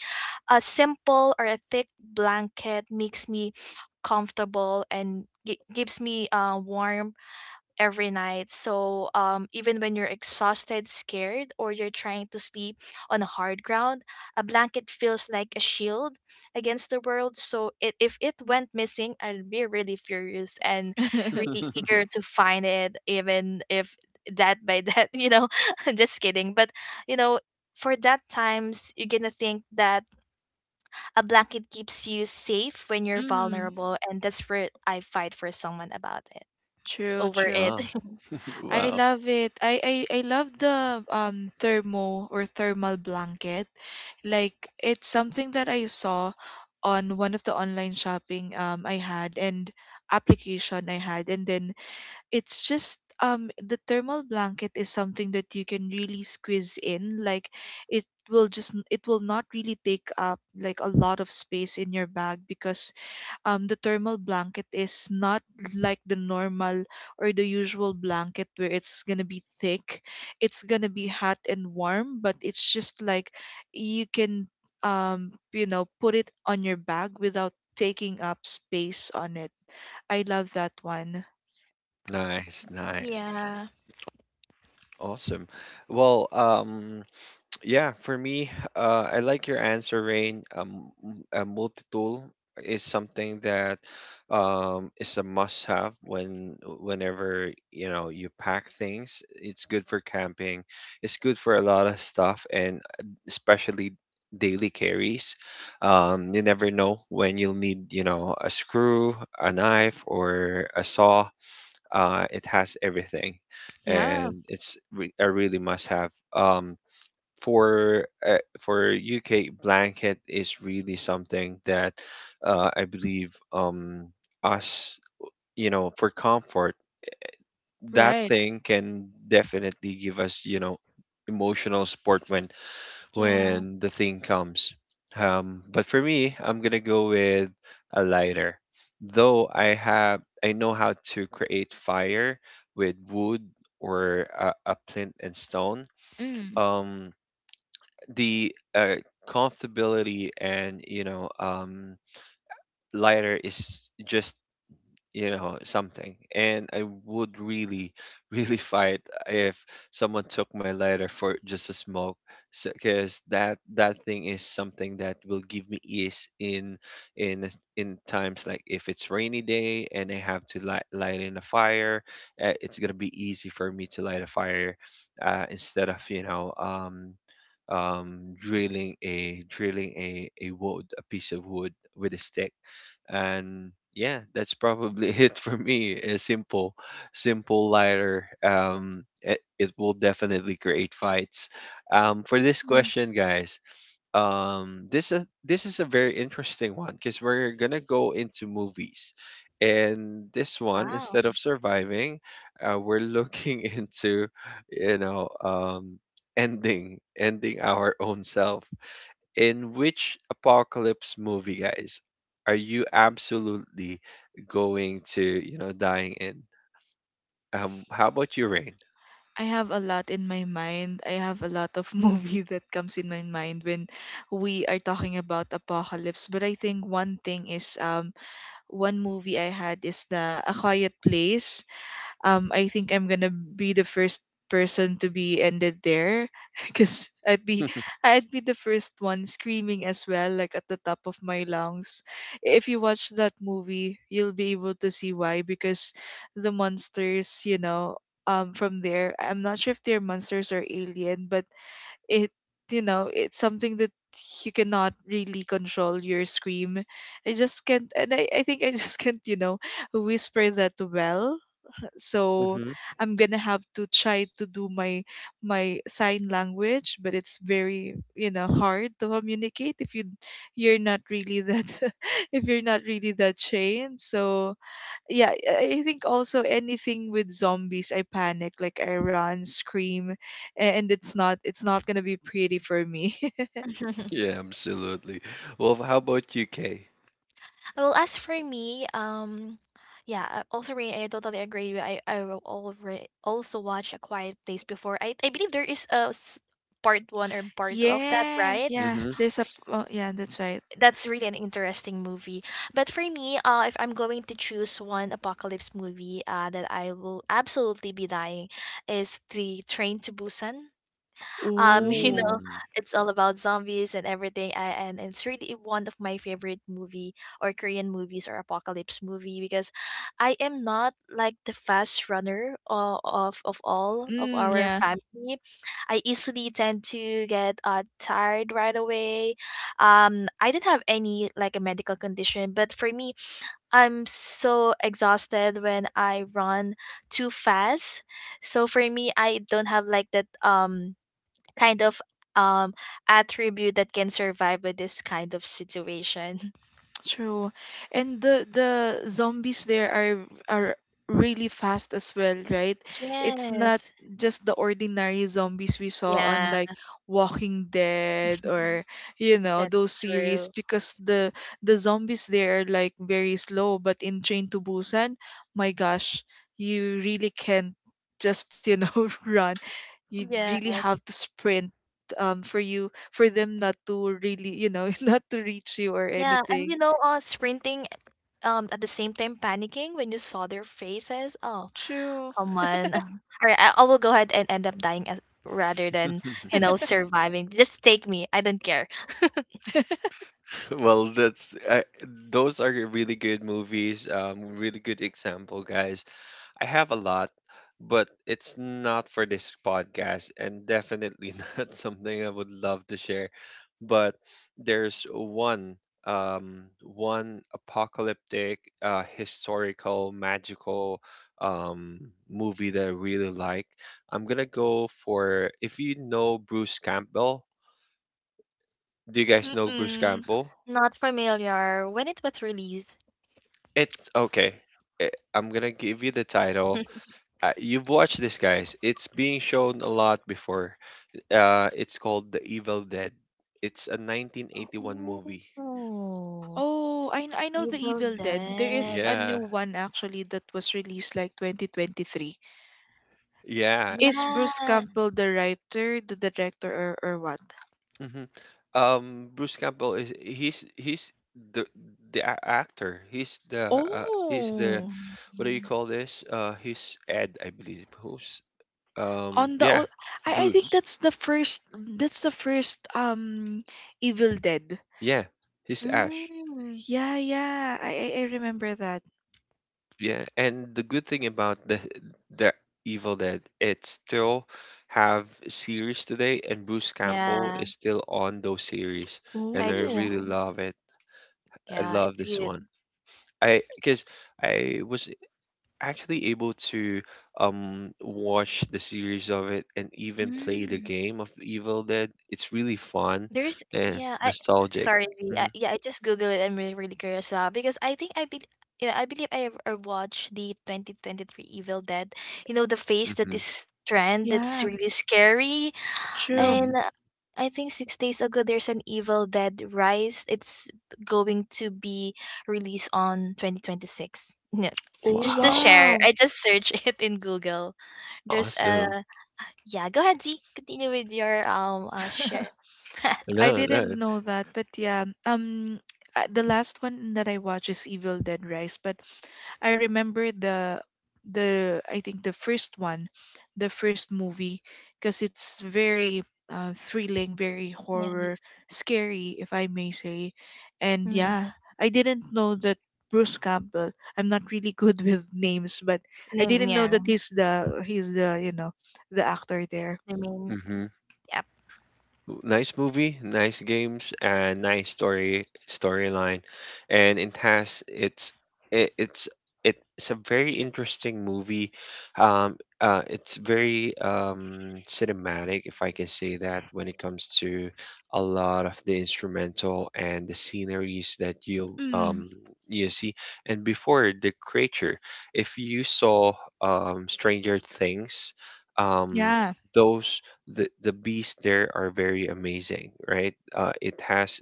Speaker 3: a simple or a thick blanket makes me comfortable and gives me warmth every night. So even when you're exhausted, scared, or you're trying to sleep on a hard ground, a blanket feels like a shield against the world. So it, if it went missing, I'd be really furious and
Speaker 2: *laughs* Mm,
Speaker 3: really eager
Speaker 1: *laughs*
Speaker 3: to find it, even if that by that, *laughs* you know, *laughs* just kidding. But, you know, for that times, you're gonna think that a blanket keeps you safe when you're vulnerable, and that's where I fight for someone about it
Speaker 2: true,
Speaker 3: over it.
Speaker 2: true.
Speaker 1: Wow. *laughs*
Speaker 2: I
Speaker 1: Wow.
Speaker 2: love it. I love the thermo or thermal blanket. Like, it's something that I saw on one of the online shopping, um, I had, and application I had, and then it's just, um, the thermal blanket is something that you can really squeeze in, like, it will just, it will not really take up like a lot of space in your bag because, um, the thermal blanket is not like the normal or the usual blanket where it's gonna be thick. It's gonna be hot and warm, but it's just like you can, um, you know, put it on your bag without taking up space on it. I love that one.
Speaker 1: Nice,
Speaker 3: *laughs*
Speaker 1: nice.
Speaker 3: Yeah.
Speaker 1: Awesome. Well, yeah, for me, I like your answer, Rain. A multi-tool is something that, is a must-have whenever you pack things. It's good for camping. It's good for a lot of stuff, and especially daily carries. You never know when you'll need, a screw, a knife, or a saw. It has everything,
Speaker 2: Yeah,
Speaker 1: and it's a really must have. For UK blanket is really something that, I believe, us, for comfort, that
Speaker 2: right.
Speaker 1: thing can definitely give us, emotional support
Speaker 3: Yeah.
Speaker 1: when the thing comes. But for me, I'm gonna go with a lighter. Though I know how to create fire with wood or a flint and stone.
Speaker 2: Mm.
Speaker 1: Um, the Comfortability and, lighter is just, something, and I would really *laughs* really fight if someone took my lighter for just a smoke, because that thing is something that will give me ease in in times like if it's rainy day, and I have to light in a fire. It's gonna be easy for me to light a fire, instead of, you know drilling a drilling a wood a piece of wood with a stick. And yeah, that's probably *laughs* it for me. A simple lighter, it will definitely create fights, for this
Speaker 2: Mm.
Speaker 1: question, guys, this is a very interesting one because we're gonna go into movies, and this one,
Speaker 3: Wow.
Speaker 1: instead of surviving, we're looking *laughs* into, you know um ending our own self. In which apocalypse movie, guys, are you absolutely going to, dying in? How about you, Rain?
Speaker 2: I have a lot in my mind. I have a lot of *laughs* movie that comes in my mind when we are talking about apocalypse. But I think one thing is, um, one movie I had is the A Quiet Place. I think I'm gonna be the first person to be ended there *laughs* because I'd be
Speaker 1: *laughs*
Speaker 2: I'd be the first one screaming as well, like at the top of my lungs. If you watch that movie, you'll be able to see why because the monsters, you know, from there, I'm not sure if they're monsters or alien, but it, you know, it's something that you cannot really control your scream. I just can't, and I think I *laughs* just can't, you know, whisper that well. So
Speaker 1: Hmm.
Speaker 2: I'm gonna have to try to do my my sign language, but it's very, you know, hard to communicate if you're not really that *laughs* if you're not really that trained. So yeah, I think also anything with zombies, I panic, like I run, scream, and it's not, it's not gonna be pretty for me.
Speaker 3: *laughs*
Speaker 1: Yeah, absolutely. Well, how about you, Kay?
Speaker 3: Well, as for me, yeah, also Rain, I totally agree with I will alre also watch A Quiet Place before. I believe there is part one or
Speaker 2: *laughs*
Speaker 3: part two of that,
Speaker 2: Yeah,
Speaker 3: right?
Speaker 2: yeah.
Speaker 1: Mm-hmm.
Speaker 2: There's a oh, yeah, that's right.
Speaker 3: That's really an interesting movie. But for me, if I'm going to choose one apocalypse movie, that I will absolutely be dying, is the Train to Busan. *laughs* You know,
Speaker 2: Ooh,
Speaker 1: Mm-hmm.
Speaker 3: it's all about zombies and everything. And it's really one of my favorite movie or Korean movies or apocalypse movie, because I am not like the fast runner of all of
Speaker 2: mm,
Speaker 3: our
Speaker 2: yeah.
Speaker 3: family. I easily tend to get tired right away. I didn't have any like a medical condition, but for me, I'm so exhausted when I run too fast. So for me, I don't have like that kind of um attribute that can survive with this kind of situation. *laughs*
Speaker 2: True. And the zombies there are really fast as well, right? It's not
Speaker 3: Yes.
Speaker 2: just the ordinary zombies we saw on
Speaker 3: Yeah.
Speaker 2: like Walking Dead
Speaker 3: Mhm.
Speaker 2: or you know those
Speaker 3: That's true.
Speaker 2: series because the zombies there are like very slow, but in Train to Busan, my gosh, you really can't just, you know, *laughs* run. You really
Speaker 3: Yes.
Speaker 2: have to sprint, um, for you for them not to really, you know, *laughs* not to reach you or
Speaker 3: Yeah, and you
Speaker 2: anything.
Speaker 3: know, sprinting at the same time, panicking when you saw their faces. Oh,
Speaker 2: True.
Speaker 3: come on. *laughs* All right, I will go ahead and end up dying as, rather than, you know, surviving. Just take me. I don't care.
Speaker 2: *laughs*
Speaker 1: Well, those are really good movies. Really good example, guys. I have a lot, but it's not for this podcast, and definitely *laughs* not something I would love to share. But there's one, one apocalyptic, historical, magical, um, movie that I really like. I'm gonna go for if you know Bruce Campbell. Do you guys know Bruce
Speaker 2: Mm-mm.
Speaker 1: Campbell?
Speaker 3: Not familiar. When it was released.
Speaker 1: It's okay. eh, I'm gonna give you the title. You've watched this, guys. It's being shown a lot before. It's called The Evil Dead. It's a 1981 movie.
Speaker 3: Oh,
Speaker 2: Oh, I know the
Speaker 3: Evil
Speaker 2: Evil Dead. There is
Speaker 3: Dead.
Speaker 2: a new
Speaker 1: Yeah,
Speaker 2: one actually that was released like 2023.
Speaker 1: yeah.
Speaker 2: Is Bruce
Speaker 3: Yeah.
Speaker 2: Campbell the writer, the director, or what?
Speaker 1: Hmm. Bruce Campbell is he's the the actor. He's the
Speaker 2: Oh,
Speaker 1: What do you
Speaker 3: Mm.
Speaker 1: call this? He's Ed, I believe. Who's
Speaker 2: on the
Speaker 1: Yeah,
Speaker 2: old, I think
Speaker 1: Bruce.
Speaker 2: that's the first that's the first, um, Evil Dead.
Speaker 1: Yeah, he's Ash.
Speaker 3: Mm,
Speaker 2: Yeah, yeah, I remember that.
Speaker 1: Yeah, and the good thing about the Evil Dead, it still have series today, and Bruce Campbell
Speaker 3: yeah,
Speaker 1: is still on those series, and
Speaker 3: I
Speaker 1: I
Speaker 3: just
Speaker 2: Oh,
Speaker 1: really
Speaker 3: go.
Speaker 1: love it. I
Speaker 3: Yeah,
Speaker 1: love
Speaker 3: it's
Speaker 1: this
Speaker 3: good.
Speaker 1: one. I Because I was actually able to watch the series of it and even play the
Speaker 3: Mm,
Speaker 1: game of the Evil Dead. It's really fun
Speaker 3: there's
Speaker 1: and
Speaker 3: yeah, I
Speaker 1: nostalgic.
Speaker 3: sorry, Z,
Speaker 1: Hmm.
Speaker 3: yeah, I just Googled it. I'm really really curious because I think I be yeah, I believe I watched the 2023 Evil Dead. You know the face that
Speaker 1: Hmm.
Speaker 3: is trend
Speaker 2: yeah,
Speaker 3: that's really scary.
Speaker 2: true.
Speaker 3: And
Speaker 1: Hmm.
Speaker 3: I think 6 days ago, there's an Evil Dead Rise. It's going to be released on 2026. *laughs* Yeah.
Speaker 2: Oh
Speaker 3: Just to
Speaker 1: Wow,
Speaker 3: share,
Speaker 2: wow.
Speaker 3: I just searched *laughs* it in Google. There's a
Speaker 1: awesome.
Speaker 3: yeah. Go ahead, Z. Continue with your share.
Speaker 2: *laughs*
Speaker 3: *laughs*
Speaker 2: I
Speaker 1: No,
Speaker 2: didn't
Speaker 1: no.
Speaker 2: know that, but yeah. The last one that I watched is Evil Dead Rise, but I remember the I think the first one, the first movie, because it's very, thrilling, very horror,
Speaker 3: Yes.
Speaker 2: scary, if I may say, and
Speaker 3: Mm,
Speaker 2: yeah, I didn't know that Bruce Campbell. I'm not really good *laughs* with names, but I didn't know
Speaker 3: yeah.
Speaker 2: that he's the you know the actor there.
Speaker 3: I mean,
Speaker 1: Hmm.
Speaker 3: yep.
Speaker 1: Nice movie, nice games, and nice storyline, and it's it's a very interesting movie. It's very cinematic, if I can say that, when it comes to a lot of the instrumental and the sceneries that
Speaker 2: Mm,
Speaker 1: you see. And before the creature, if you saw Stranger Things, um
Speaker 2: yeah,
Speaker 1: those the beasts there are very amazing, right? It has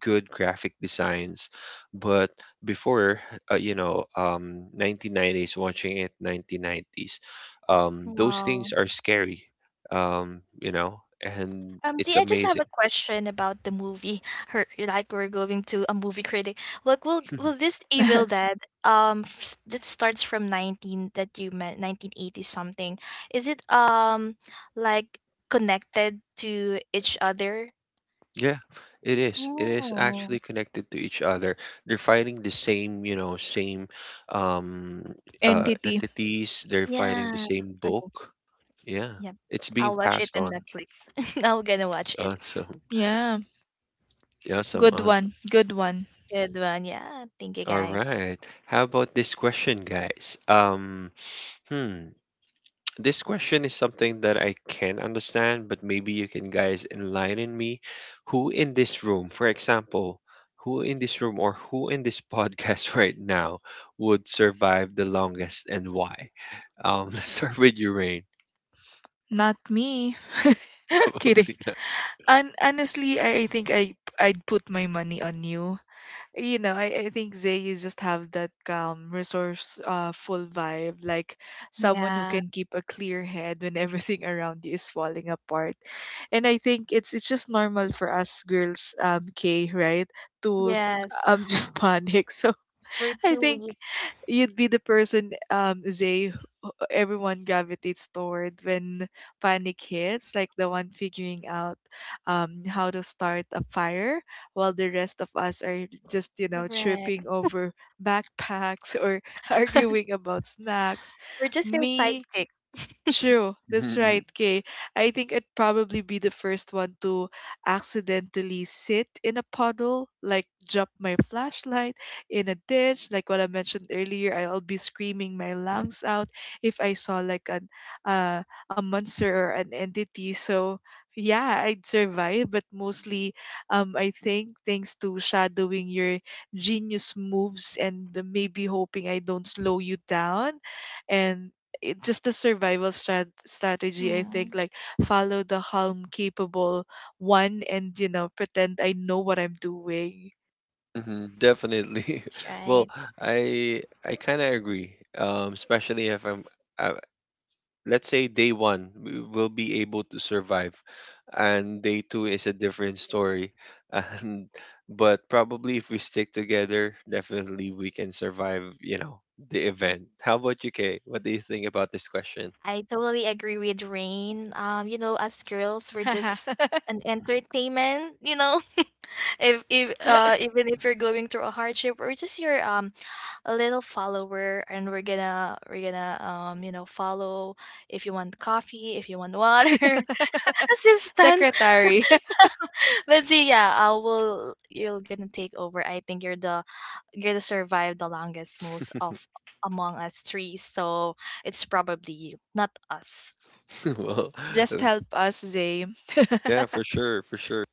Speaker 1: good graphic designs, but before, 1990s, watching it 1990s, those
Speaker 3: Wow.
Speaker 1: things are scary, um, you know, and it's
Speaker 3: See, I just have a
Speaker 1: amazing.
Speaker 3: question about the movie. *laughs* Her, like we're going to a movie critic. Like, will
Speaker 1: *laughs*
Speaker 3: this Evil
Speaker 2: *laughs*
Speaker 3: Dead that starts from nineteen, that you meant, 1980 something? Is it like connected to each other?
Speaker 1: Yeah, it is. It is actually
Speaker 3: Oh,
Speaker 1: connected to each other. They're fighting the same, same, um
Speaker 2: entity.
Speaker 1: entities. They're fighting the
Speaker 3: yeah.
Speaker 1: same
Speaker 3: Okay,
Speaker 1: book. Yeah.
Speaker 3: yeah.
Speaker 1: It's being
Speaker 3: I'll watch it
Speaker 1: passed
Speaker 3: on
Speaker 1: on.
Speaker 3: Netflix. *laughs* I'm gonna watch it.
Speaker 1: Awesome.
Speaker 2: Yeah,
Speaker 1: Awesome.
Speaker 2: good
Speaker 1: Awesome.
Speaker 2: one. Good one.
Speaker 3: Good one. Yeah. Thank you,
Speaker 1: All
Speaker 3: guys.
Speaker 1: right. How about this question, guys? Hmm. This question is something that I can understand, but maybe you can guys enlighten me. Who in this room, for example, who in this podcast *laughs* right now would survive the longest and why? *laughs* Let's start with you, Rain.
Speaker 2: Not me. *laughs*
Speaker 1: *laughs* Probably
Speaker 2: Kidding.
Speaker 1: not.
Speaker 2: And honestly, I think I'd put my money on you. You know, I think Zay, you just have that calm, resource, uh, full vibe, like someone who
Speaker 3: Yeah.
Speaker 2: can keep a clear head when *laughs* everything around you is falling apart. And I think it's just normal for us girls, K, right? To,
Speaker 3: Yes.
Speaker 2: um, *laughs* just panic. So
Speaker 3: We're
Speaker 2: *laughs* I
Speaker 3: too
Speaker 2: think
Speaker 3: weak.
Speaker 2: you'd be the person, Zay, who everyone gravitates toward when panic hits, like the one figuring out, how to start a fire, while the rest of us are just, you know, tripping
Speaker 3: Correct.
Speaker 2: over backpacks or *laughs* arguing about snacks.
Speaker 3: We're just your
Speaker 2: Me,
Speaker 3: sidekick.
Speaker 2: true, that's right,
Speaker 1: Mhm.
Speaker 2: Kay. I think I'd probably be the first one to accidentally sit in a puddle, like drop my flashlight in a ditch, like what I mentioned earlier. I'll be screaming my lungs out if I saw like an uh, a monster or an entity. So yeah, I'd survive, but mostly, I think thanks to shadowing your genius moves and maybe hoping I don't slow you down, and just the survival strategy, I think,
Speaker 3: Mm,
Speaker 2: like, follow the calm capable one and, you know, pretend I know what I'm doing.
Speaker 1: Mhm. Definitely.
Speaker 3: that's
Speaker 1: *laughs* Well,
Speaker 3: right.
Speaker 1: I kind of agree. Especially if I, let's say day one we will be able to survive, and day two is a different story *laughs* and but probably if we stick together, definitely we can survive, the event. How about you, Kay? What do you think about this question?
Speaker 3: I totally agree with Rain. You know, as girls, we're just
Speaker 2: *laughs*
Speaker 3: an entertainment. You know, *laughs* if even if you're going through a hardship, we're just your a little follower, and we're gonna follow if you want coffee, if you want water, *laughs* assistant.
Speaker 2: Secretary. *laughs*
Speaker 3: But see, yeah, I will. You're gonna take over. I think you're the survive the longest, most of
Speaker 1: *laughs*
Speaker 3: among us three. So it's probably you, not us.
Speaker 1: Well, uh,
Speaker 2: Just help us, Zay.
Speaker 1: yeah, for sure, for sure.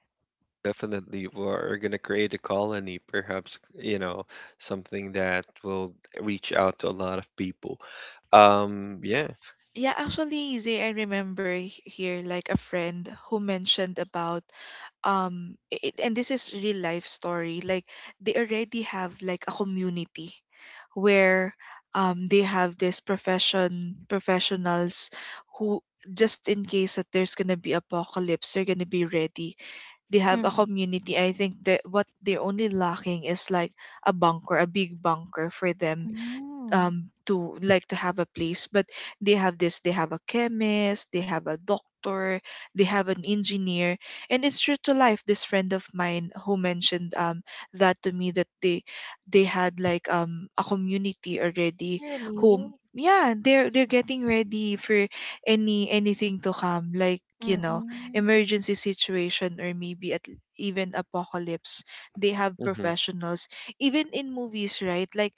Speaker 1: Definitely, we're going to create a colony, perhaps, something that will reach out to a lot of people. Yeah.
Speaker 2: Yeah, actually, Zay, I remember here like a friend who mentioned about, um, it, and this is real life story, like, they already have like a community where, um, they have this professionals who, just in case that there's gonna be apocalypse, they're gonna be ready. They have a
Speaker 3: Mhm.
Speaker 2: community. I think that what they're only lacking is like a bunker, a big bunker for them,
Speaker 3: Mm.
Speaker 2: um, to like to have a place. But they have this, they have a chemist, they have a doctor, they have an engineer, and it's true to life. This friend of mine who mentioned, um, that to me, that they had like, um, a community already who,
Speaker 3: Really?
Speaker 2: yeah, they're getting ready for anything to come, like, you know,
Speaker 3: Mm.
Speaker 2: emergency situation or maybe at even apocalypse, they have
Speaker 1: Hmm.
Speaker 2: professionals. Even in movies, right? Like,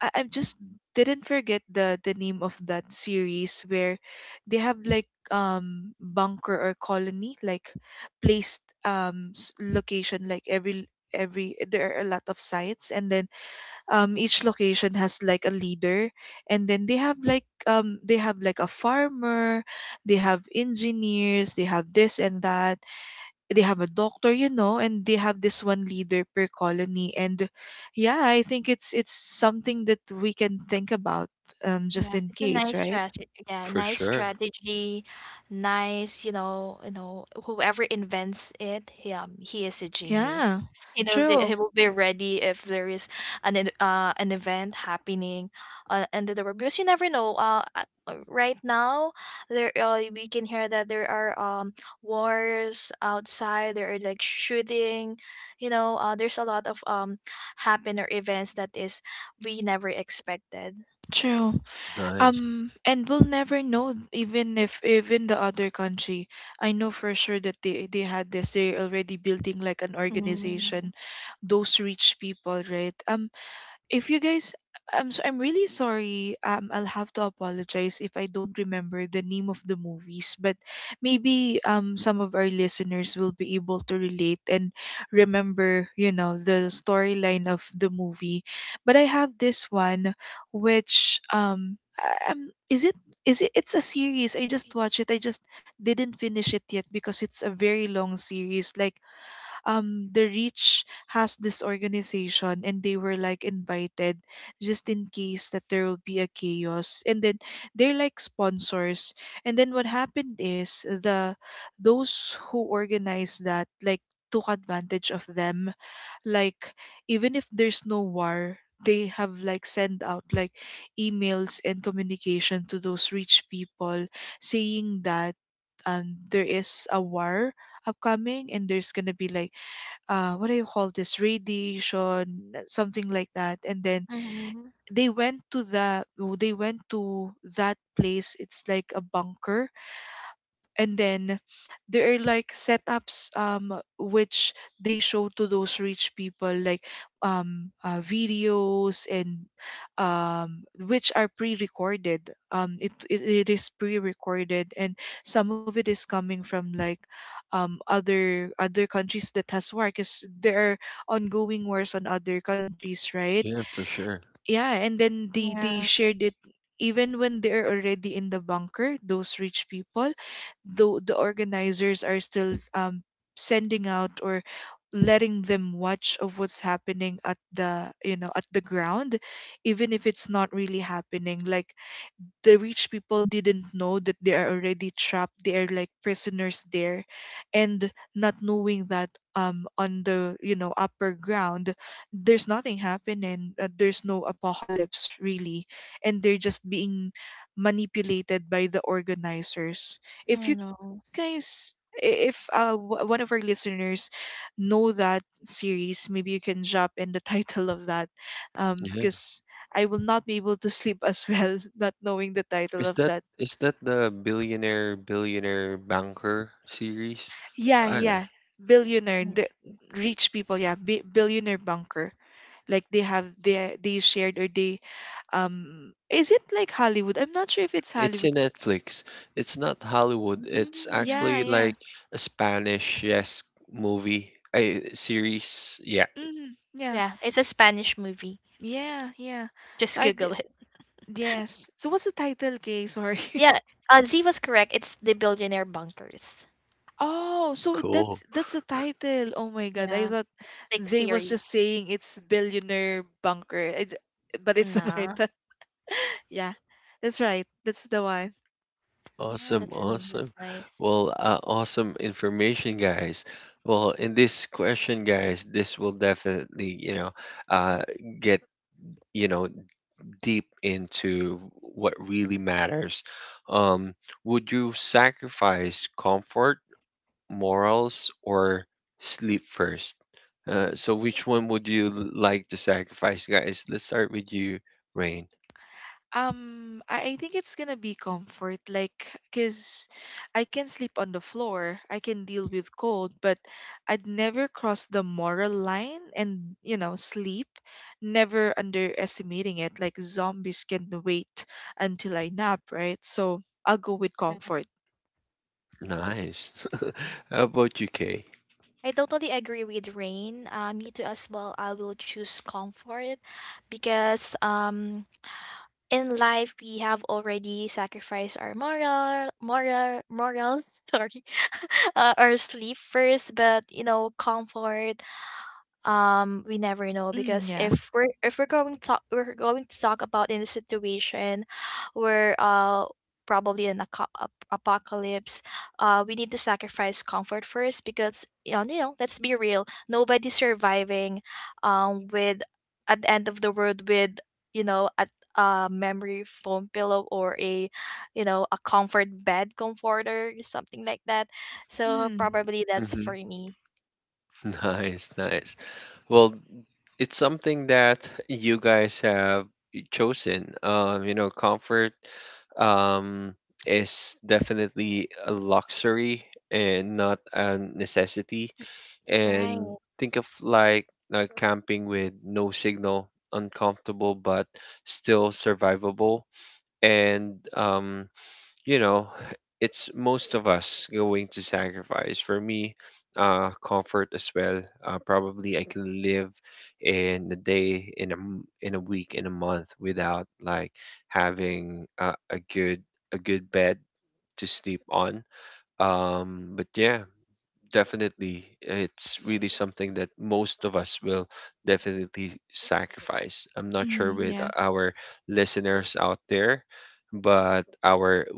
Speaker 2: I just didn't forget the name of that series where they have like, um, bunker or colony like placed, um, location like every there are a lot of sites, and then, um, each location has like a leader, and then they have like, um, they have like a farmer, they have engineers, they have this and that, they have a doctor, you know, and they have this one leader per colony. And yeah, I think it's something that we can think about,
Speaker 3: Yeah,
Speaker 2: just in
Speaker 3: it's a
Speaker 2: case,
Speaker 3: nice
Speaker 2: right?
Speaker 3: strategy. Yeah,
Speaker 1: For
Speaker 3: nice
Speaker 1: sure.
Speaker 3: strategy. Nice, you know, whoever invents it, he is a genius.
Speaker 2: Yeah,
Speaker 3: He knows it. He
Speaker 2: true,
Speaker 3: will be ready if there is an an event happening under the world because you never know. Right now there we can hear that there are wars outside. There are like shooting. You know, there's a lot of happen or events that is we never expected.
Speaker 2: true.
Speaker 1: Nice.
Speaker 2: And we'll never know, even if even the other country. I know for sure that they had this. They're already building like an
Speaker 3: Mm.
Speaker 2: organization, those rich people, right? If you guys I'm so I'm really sorry. I'll have to apologize if I don't remember the name of the movies, but maybe some of our listeners will be able to relate and remember, you know, the storyline of the movie. But I have this one which is it, it's a series. I just watched it. I just didn't finish it yet because it's a very long series. Like the reach has this organization and they were like invited just in case that there will be a chaos, and then they're like sponsors. And then what happened is the those who organized that like took advantage of them, like even if there's no war, they have like send out like emails and communication to those rich people saying that there is a war upcoming, and there's gonna be like what do you call this, radiation something like that. And then
Speaker 3: Mhm.
Speaker 2: they went to the, they went to that place, it's like a bunker. And then there are like setups which they show to those rich people, like videos, and which are pre-recorded. It is pre-recorded, and some of it is coming from like other countries that has war, because there are ongoing wars on other countries, right?
Speaker 1: Yeah, for sure.
Speaker 2: Yeah, and then they
Speaker 3: Yeah,
Speaker 2: shared it. Even when they're already in the bunker, those rich people, though the organizers are still sending out or letting them watch of what's happening at the, you know, at the ground, even if it's not really happening. Like, the rich people didn't know that they are already trapped, they are like prisoners there, and not knowing that on the, you know, upper ground, there's nothing happening. There's no apocalypse really, and they're just being manipulated by the organizers. If
Speaker 3: I
Speaker 2: you
Speaker 3: know.
Speaker 2: guys, I- if w- one of our listeners know that series, maybe you can drop in the *laughs* title of that,
Speaker 1: Yeah.
Speaker 2: because I will not be able to sleep as well, *laughs* not knowing the title
Speaker 1: Is
Speaker 2: of
Speaker 1: that
Speaker 2: that.
Speaker 1: is that the Billionaire Billionaire Banker series?
Speaker 2: Yeah,
Speaker 1: Uh,
Speaker 2: yeah. Billionaire, the
Speaker 3: Yes.
Speaker 2: rich people, yeah, billionaire bunker. Like, they have, they shared, or they, is it like Hollywood? I'm not sure if it's
Speaker 1: it's
Speaker 2: Hollywood.
Speaker 1: in Netflix. It's not Hollywood. It's
Speaker 3: Mm.
Speaker 2: Yeah,
Speaker 1: actually
Speaker 2: yeah.
Speaker 1: like a Spanish, movie, a series. Yeah,
Speaker 2: Mm, yeah.
Speaker 3: Yeah, it's a Spanish movie.
Speaker 2: Yeah, yeah. So
Speaker 3: Just
Speaker 2: I did,
Speaker 3: Google it.
Speaker 2: yes. So what's the title, Kay? Sorry.
Speaker 3: Yeah,
Speaker 2: *laughs*
Speaker 3: Z was correct. It's The Billionaire Bunkers.
Speaker 2: Oh, so
Speaker 1: cool.
Speaker 2: that's the title. Oh my God, I
Speaker 3: Yeah,
Speaker 2: thought
Speaker 3: Netflix
Speaker 2: Zay was just
Speaker 3: series.
Speaker 2: saying it's billionaire bunker, but it's *laughs* the
Speaker 3: Nah,
Speaker 2: title. Yeah, that's right. That's the one.
Speaker 3: oh,
Speaker 1: Awesome,
Speaker 3: that's an, that's
Speaker 1: awesome.
Speaker 3: nice.
Speaker 1: Well, awesome information, guys. Well, in this question, guys, this will definitely, uh, get, you know, deep into what really matters. Um, would you sacrifice comfort, morals, or sleep first? So which one would you like to sacrifice, guys? Let's start with you, Rain.
Speaker 2: I, think it's gonna be comfort, like, cause I can sleep on the floor, I can deal with cold, but I'd never cross the moral line and, you know, sleep, never underestimating it. Like, zombies can wait until I nap, right? So I'll go with
Speaker 3: Yeah.
Speaker 2: comfort.
Speaker 1: Nice. *laughs* How about you, Kay?
Speaker 3: I totally agree with Rain. Me too as well. I will choose comfort because in life we have already sacrificed our moral morals *laughs* sorry *laughs* our sleep first, but you know comfort we never know
Speaker 2: Mm,
Speaker 3: because
Speaker 2: yeah.
Speaker 3: if we're going to talk we're going to talk about in a situation *sighs* where probably an apocalypse. Uh, we need to sacrifice comfort first because, you know, you know, let's be real, nobody's surviving with, at the end of the world, with, you know, a memory foam pillow or a, you know, a comfort bed comforter, something like that. So
Speaker 2: Mm,
Speaker 3: probably that's for
Speaker 1: Hmm.
Speaker 3: me.
Speaker 1: *laughs* Nice, nice. Well, it's something that you guys have chosen. Comfort, um, is definitely a luxury and not a necessity. And
Speaker 3: Right.
Speaker 1: think of like, camping with no signal, uncomfortable but still survivable. And, you know, it's most of us going to sacrifice. For me, comfort as well. Probably I can live in a day, in a week, in a month, without like having a good bed to sleep on. But yeah, definitely, it's really something that most of us will definitely sacrifice. I'm not sure
Speaker 2: mm,
Speaker 1: with
Speaker 2: yeah.
Speaker 1: our listeners out there, but our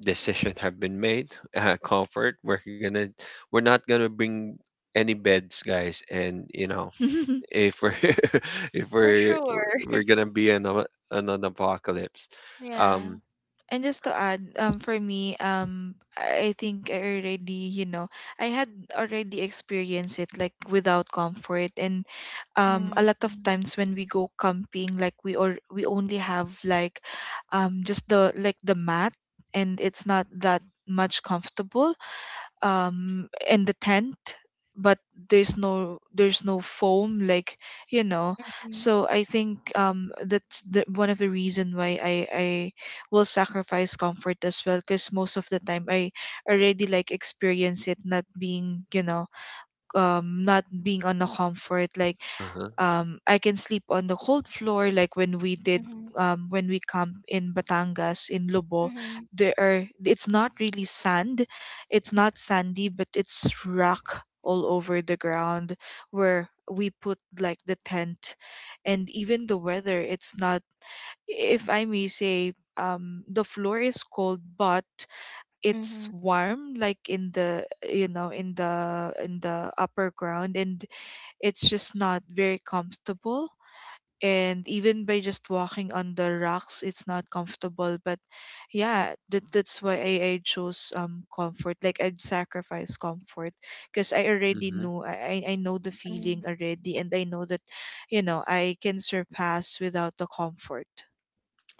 Speaker 1: decision have been made. *laughs* Comfort, we're not gonna bring any beds, guys, and,
Speaker 2: *laughs*
Speaker 1: if we're *laughs* if
Speaker 3: For
Speaker 1: we're
Speaker 3: sure.
Speaker 1: we're gonna be in an apocalypse.
Speaker 3: Yeah.
Speaker 1: Um,
Speaker 2: And just to add, for me, I think I already, you know, I had already experienced it like without comfort, and a lot
Speaker 3: Mhm.
Speaker 2: of times when we go camping, like we, or we only have like, just the, like the mat, and it's not that much comfortable in the tent, but there's no, there's no foam, like, you know.
Speaker 3: Mhm.
Speaker 2: So I think that's the one of the reason why I will sacrifice comfort as well, because most of the time I already like experience it, not being, you know, not being on a comfort, like,
Speaker 1: uh-huh.
Speaker 2: I can sleep on the cold floor, like when we did,
Speaker 3: Mhm.
Speaker 2: when we camp in Batangas in Lobo.
Speaker 3: Mhm.
Speaker 2: There are, it's not really sand, it's not sandy, but it's rock all over the ground where we put like the tent, and even the weather, it's not. If I may say, the floor is cold, but it's
Speaker 3: Mhm.
Speaker 2: warm, like in the, you know, in the, in the upper ground, and it's just not very comfortable. And even by just walking on the rocks, it's not comfortable, but yeah, that's why I, chose comfort. Like, I'd sacrifice comfort because I already
Speaker 1: Mhm.
Speaker 2: know, I know the
Speaker 3: Mhm.
Speaker 2: feeling already, and I know that, you know, I can surpass without the comfort.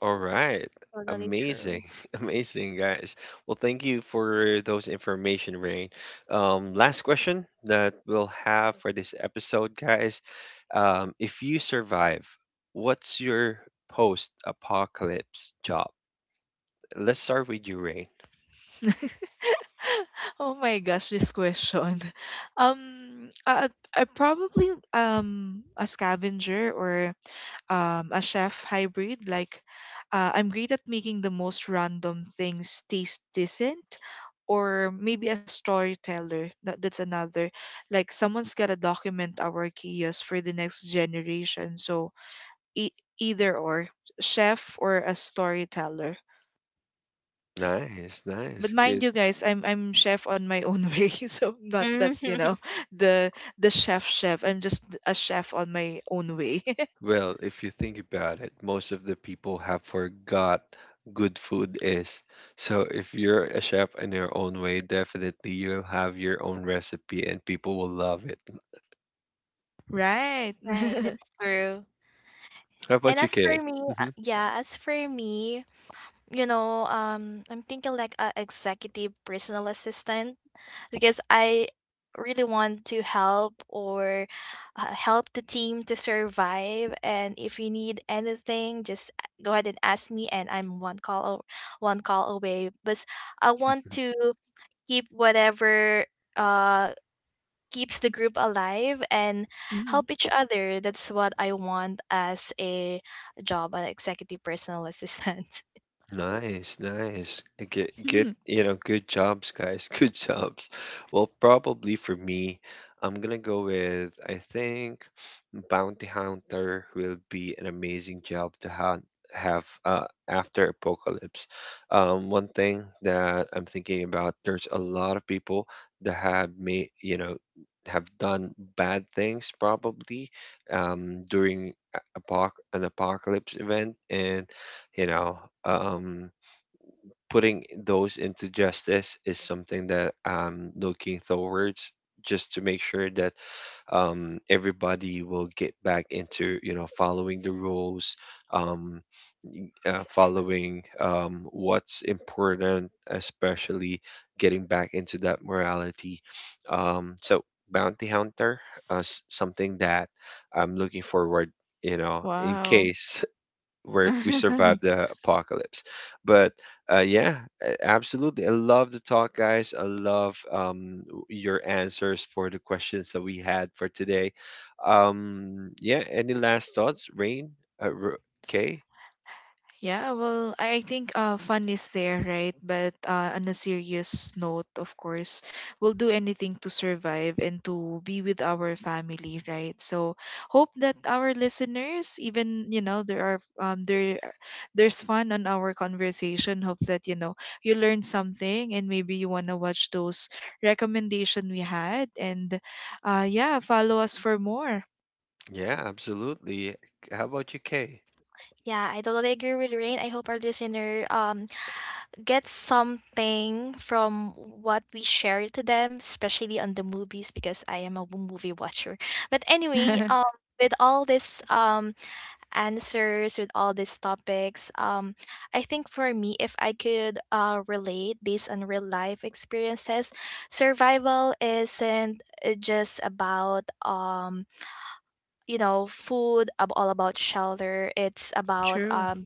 Speaker 1: All right.
Speaker 3: Totally
Speaker 1: Amazing.
Speaker 3: true.
Speaker 1: *laughs* Amazing, guys. Well, thank you for those information, Rain. Last question that we'll have for this episode, guys. If you survive, what's your post-apocalypse job? Let's start with you, Rain.
Speaker 2: *laughs* Oh my gosh, this question. *laughs* um I, probably a scavenger, or a chef hybrid. Like, I'm great at making the most random things taste decent, or maybe a storyteller. That's another. Like, someone's got to document our chaos for the next generation. So, e- either or, chef or a storyteller.
Speaker 1: Nice,
Speaker 2: But
Speaker 1: nice.
Speaker 2: mind
Speaker 1: Good.
Speaker 2: you, guys, I'm chef on my own *laughs* way, so I'm not that, you
Speaker 3: Mhm.
Speaker 2: know,
Speaker 3: *laughs*
Speaker 2: the chef chef. I'm just a chef on my own way. *laughs*
Speaker 1: Well, if you think about it, most of the people have forgot good food is. So if you're a chef in your own way, definitely you'll have your own recipe and people will love it.
Speaker 2: Right.
Speaker 3: Right,
Speaker 2: *laughs*
Speaker 3: that's true.
Speaker 1: How
Speaker 3: And
Speaker 1: about you,
Speaker 3: as for
Speaker 1: Kay?
Speaker 3: me,
Speaker 1: Hmm.
Speaker 3: yeah, as for me, you know, I'm thinking like a executive personal assistant because I really want to help or help the team to survive. And if you need anything, just go ahead and ask me, and I'm one call away. But I want
Speaker 1: *laughs*
Speaker 3: to keep whatever uh keeps the group alive and
Speaker 2: Mhm.
Speaker 3: help each other. That's what I want as a job, an executive personal assistant. *laughs*
Speaker 1: Nice, nice. Good, good,
Speaker 2: *laughs*
Speaker 1: good jobs, guys. *laughs* Good jobs. Well, probably for me, I'm gonna go with, I think, Bounty Hunter will be an amazing job to ha have, after apocalypse. One thing that I'm thinking about, there's a lot of people that have made, you know, have done bad things, probably, during a- apoc an apocalypse event. And, you know um putting those into justice is something that I'm looking towards, just to make sure that, everybody will get back into, following the rules, um following, what's important, especially getting back into that morality. So Bounty Hunter, something that I'm looking forward, in
Speaker 2: Wow.
Speaker 1: case where we survived
Speaker 2: *laughs*
Speaker 1: the apocalypse. But, yeah, absolutely. I love the talk, guys. I love, your answers for the questions that we had for today. Yeah, any last thoughts, Rain? Uh, R- Kay?
Speaker 2: Yeah, well, I think fun is there, right? But on a serious note, of course, we'll do anything to survive and to be with our family, right? So hope that our listeners, even, you know, there are there there's fun on our conversation. Hope that, you know, you learned something, and maybe you wanna watch those recommendation we had, and yeah, follow us for more.
Speaker 1: Yeah, absolutely. How about you, Kay?
Speaker 3: Yeah, I totally agree with Rain. I hope our listener gets something from what we shared to them, especially on the movies because I am a movie watcher. But anyway,
Speaker 2: *laughs*
Speaker 3: with all this answers, with all these topics. I think for me, if I could relate based on real life experiences, survival isn't, just about, you know, food, all about shelter. It's about,
Speaker 2: True.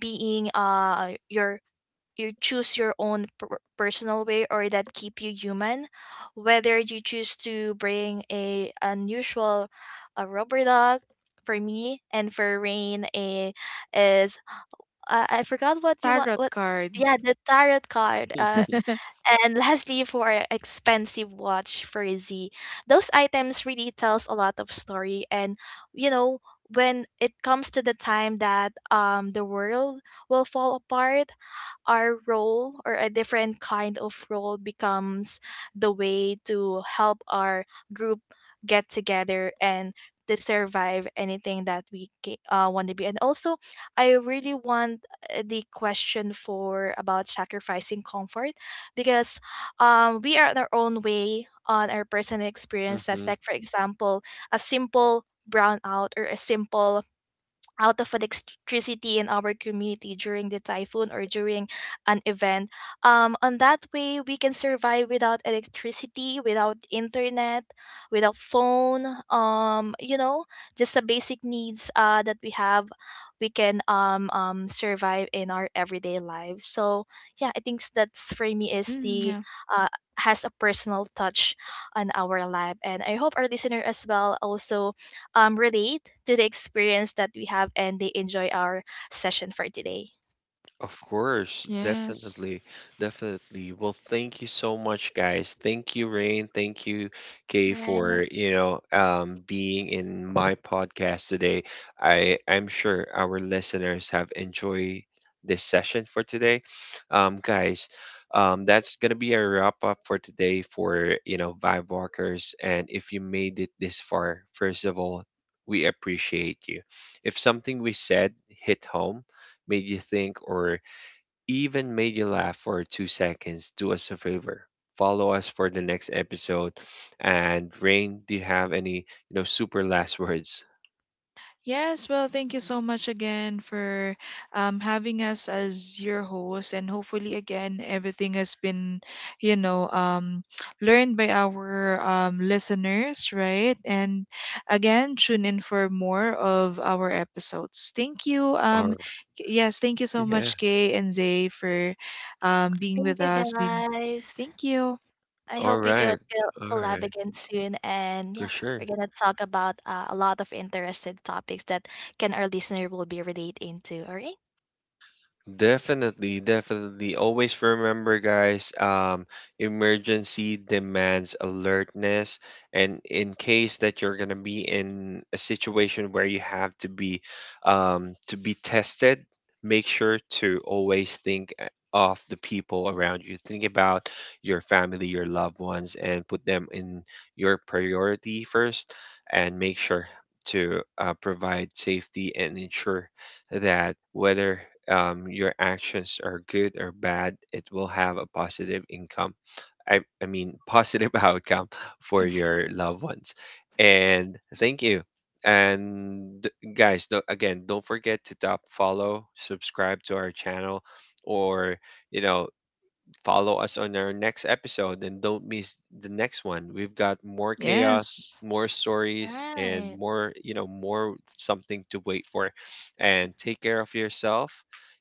Speaker 3: being, your, you choose your own personal way or that keep you human, whether you choose to bring a unusual a rubber dog for me, and for Rain a is, I forgot what you want,
Speaker 2: Tarot
Speaker 3: what.
Speaker 2: cards.
Speaker 3: Yeah, the tarot card,
Speaker 1: *laughs*
Speaker 2: *laughs*
Speaker 3: and *laughs* lastly for expensive watch for Z, those items really tells a lot of story. And you know, when it comes to the time that the world will fall apart, our role or a different kind of role becomes the way to help our group get together and to survive anything that want to be. And also, I really want, the question for about sacrificing comfort, because we are on our own way, on our personal experiences,
Speaker 1: Hmm.
Speaker 3: like for example a simple brownout or a simple out of electricity in our community during the typhoon or during an event. On that way, we can survive without electricity, without internet, without phone. You know, just the basic needs that we have, we can survive in our everyday lives. So yeah, I think that's for me is
Speaker 2: Mm,
Speaker 3: the,
Speaker 2: yeah.
Speaker 3: uh, has a personal touch on our life, and I hope our listener as well also, relate to the experience that we have and they enjoy our session for today.
Speaker 1: Of course,
Speaker 2: Yes.
Speaker 1: definitely, definitely. Well, thank you so much, guys. Thank you, Rain. Thank you, Kay,
Speaker 3: Right.
Speaker 1: for, being in my podcast today. I'm sure our listeners have enjoyed this session for today, guys. That's gonna be a wrap up for today for, Vibe Walkers. And if you made it this far, first of all, we appreciate you. If something we said hit home, made you think, or even made you laugh for 2 seconds, do us a favor. Follow us for the next episode. And Rain, do you have any, super last *laughs* words?
Speaker 2: Yes, well, thank you so much again for having us as your host. And hopefully, again, everything has been, you know, learned by our listeners, right? And again, tune in for more of our episodes. Thank you.
Speaker 1: Or
Speaker 2: Yes, thank you so
Speaker 1: Yeah.
Speaker 2: much, Kay and Zay, for being
Speaker 3: Thank
Speaker 2: with
Speaker 3: you,
Speaker 2: us. Being,
Speaker 3: guys.
Speaker 2: thank you.
Speaker 3: I
Speaker 1: All
Speaker 3: hope we could
Speaker 1: right. All
Speaker 3: collab
Speaker 1: right.
Speaker 3: again soon. And yeah,
Speaker 1: For
Speaker 3: we're going
Speaker 1: sure.
Speaker 3: to talk about, a lot of interesting topics that can our listener will be relate into. All right.
Speaker 1: Definitely, definitely. Always remember, guys, emergency demands alertness. And in case that you're gonna be in a situation where you have to be, to be tested, make sure to always think of the people around you. Think about your family, your loved ones, and put them in your priority first, and make sure to, provide safety and ensure that, whether, your actions are good or bad, it will have a positive income. I mean, positive *laughs* outcome for your loved ones. And thank you. And, guys, do again, don't forget to top follow, subscribe to our channel, or, you know, follow us on our next episode, and don't miss the next one. We've got more chaos,
Speaker 2: Yes.
Speaker 1: more stories, and
Speaker 3: Right.
Speaker 1: more, more something to wait for. And take care of yourself,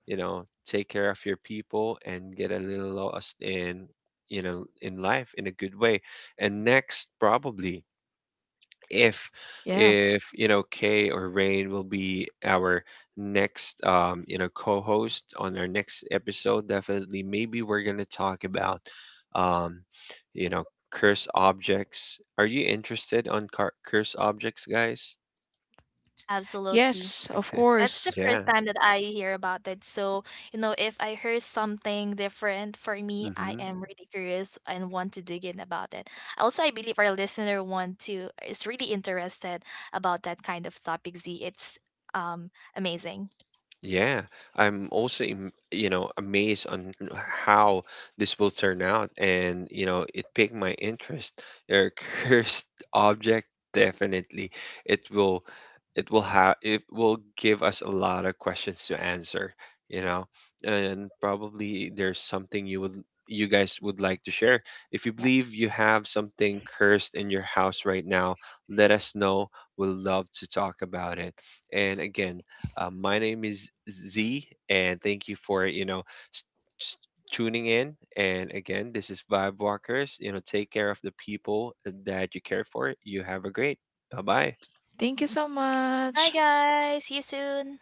Speaker 1: take care of your people, and get a little lost in, in life in a good way. And next, probably, if
Speaker 2: Yeah.
Speaker 1: if you know Kay or Rain will be our next, co-host on our next episode, definitely maybe we're going to talk about, um you know curse objects. Are you interested on curse objects, guys?
Speaker 3: Absolutely.
Speaker 2: Yes, of
Speaker 3: That's the
Speaker 2: course.
Speaker 1: *laughs* Yeah.
Speaker 3: first time that I hear about it. So, you know, if I heard something different for me, I
Speaker 1: Mhm.
Speaker 3: am really curious and want to dig in about it. Also, I believe our listener want to is really interested about that kind of topic, Z. It's um amazing.
Speaker 1: Yeah, I'm also, amazed on how this will turn out, and, it piqued my interest. A cursed *laughs* object, definitely. It will, it will give us a lot of questions to answer, you know, and probably there's something you guys would like to share. If you
Speaker 3: Yeah.
Speaker 1: believe you have something cursed in your house right now, let us know. We'll love to talk about it. And again, my name is Z, and thank you for, s- s- tuning in. And again, this is Vibe Walkers. You know, take care of the people that you care for. You have a great. Bye bye.
Speaker 2: Thank you so
Speaker 3: Bye
Speaker 2: much.
Speaker 3: guys. See you soon.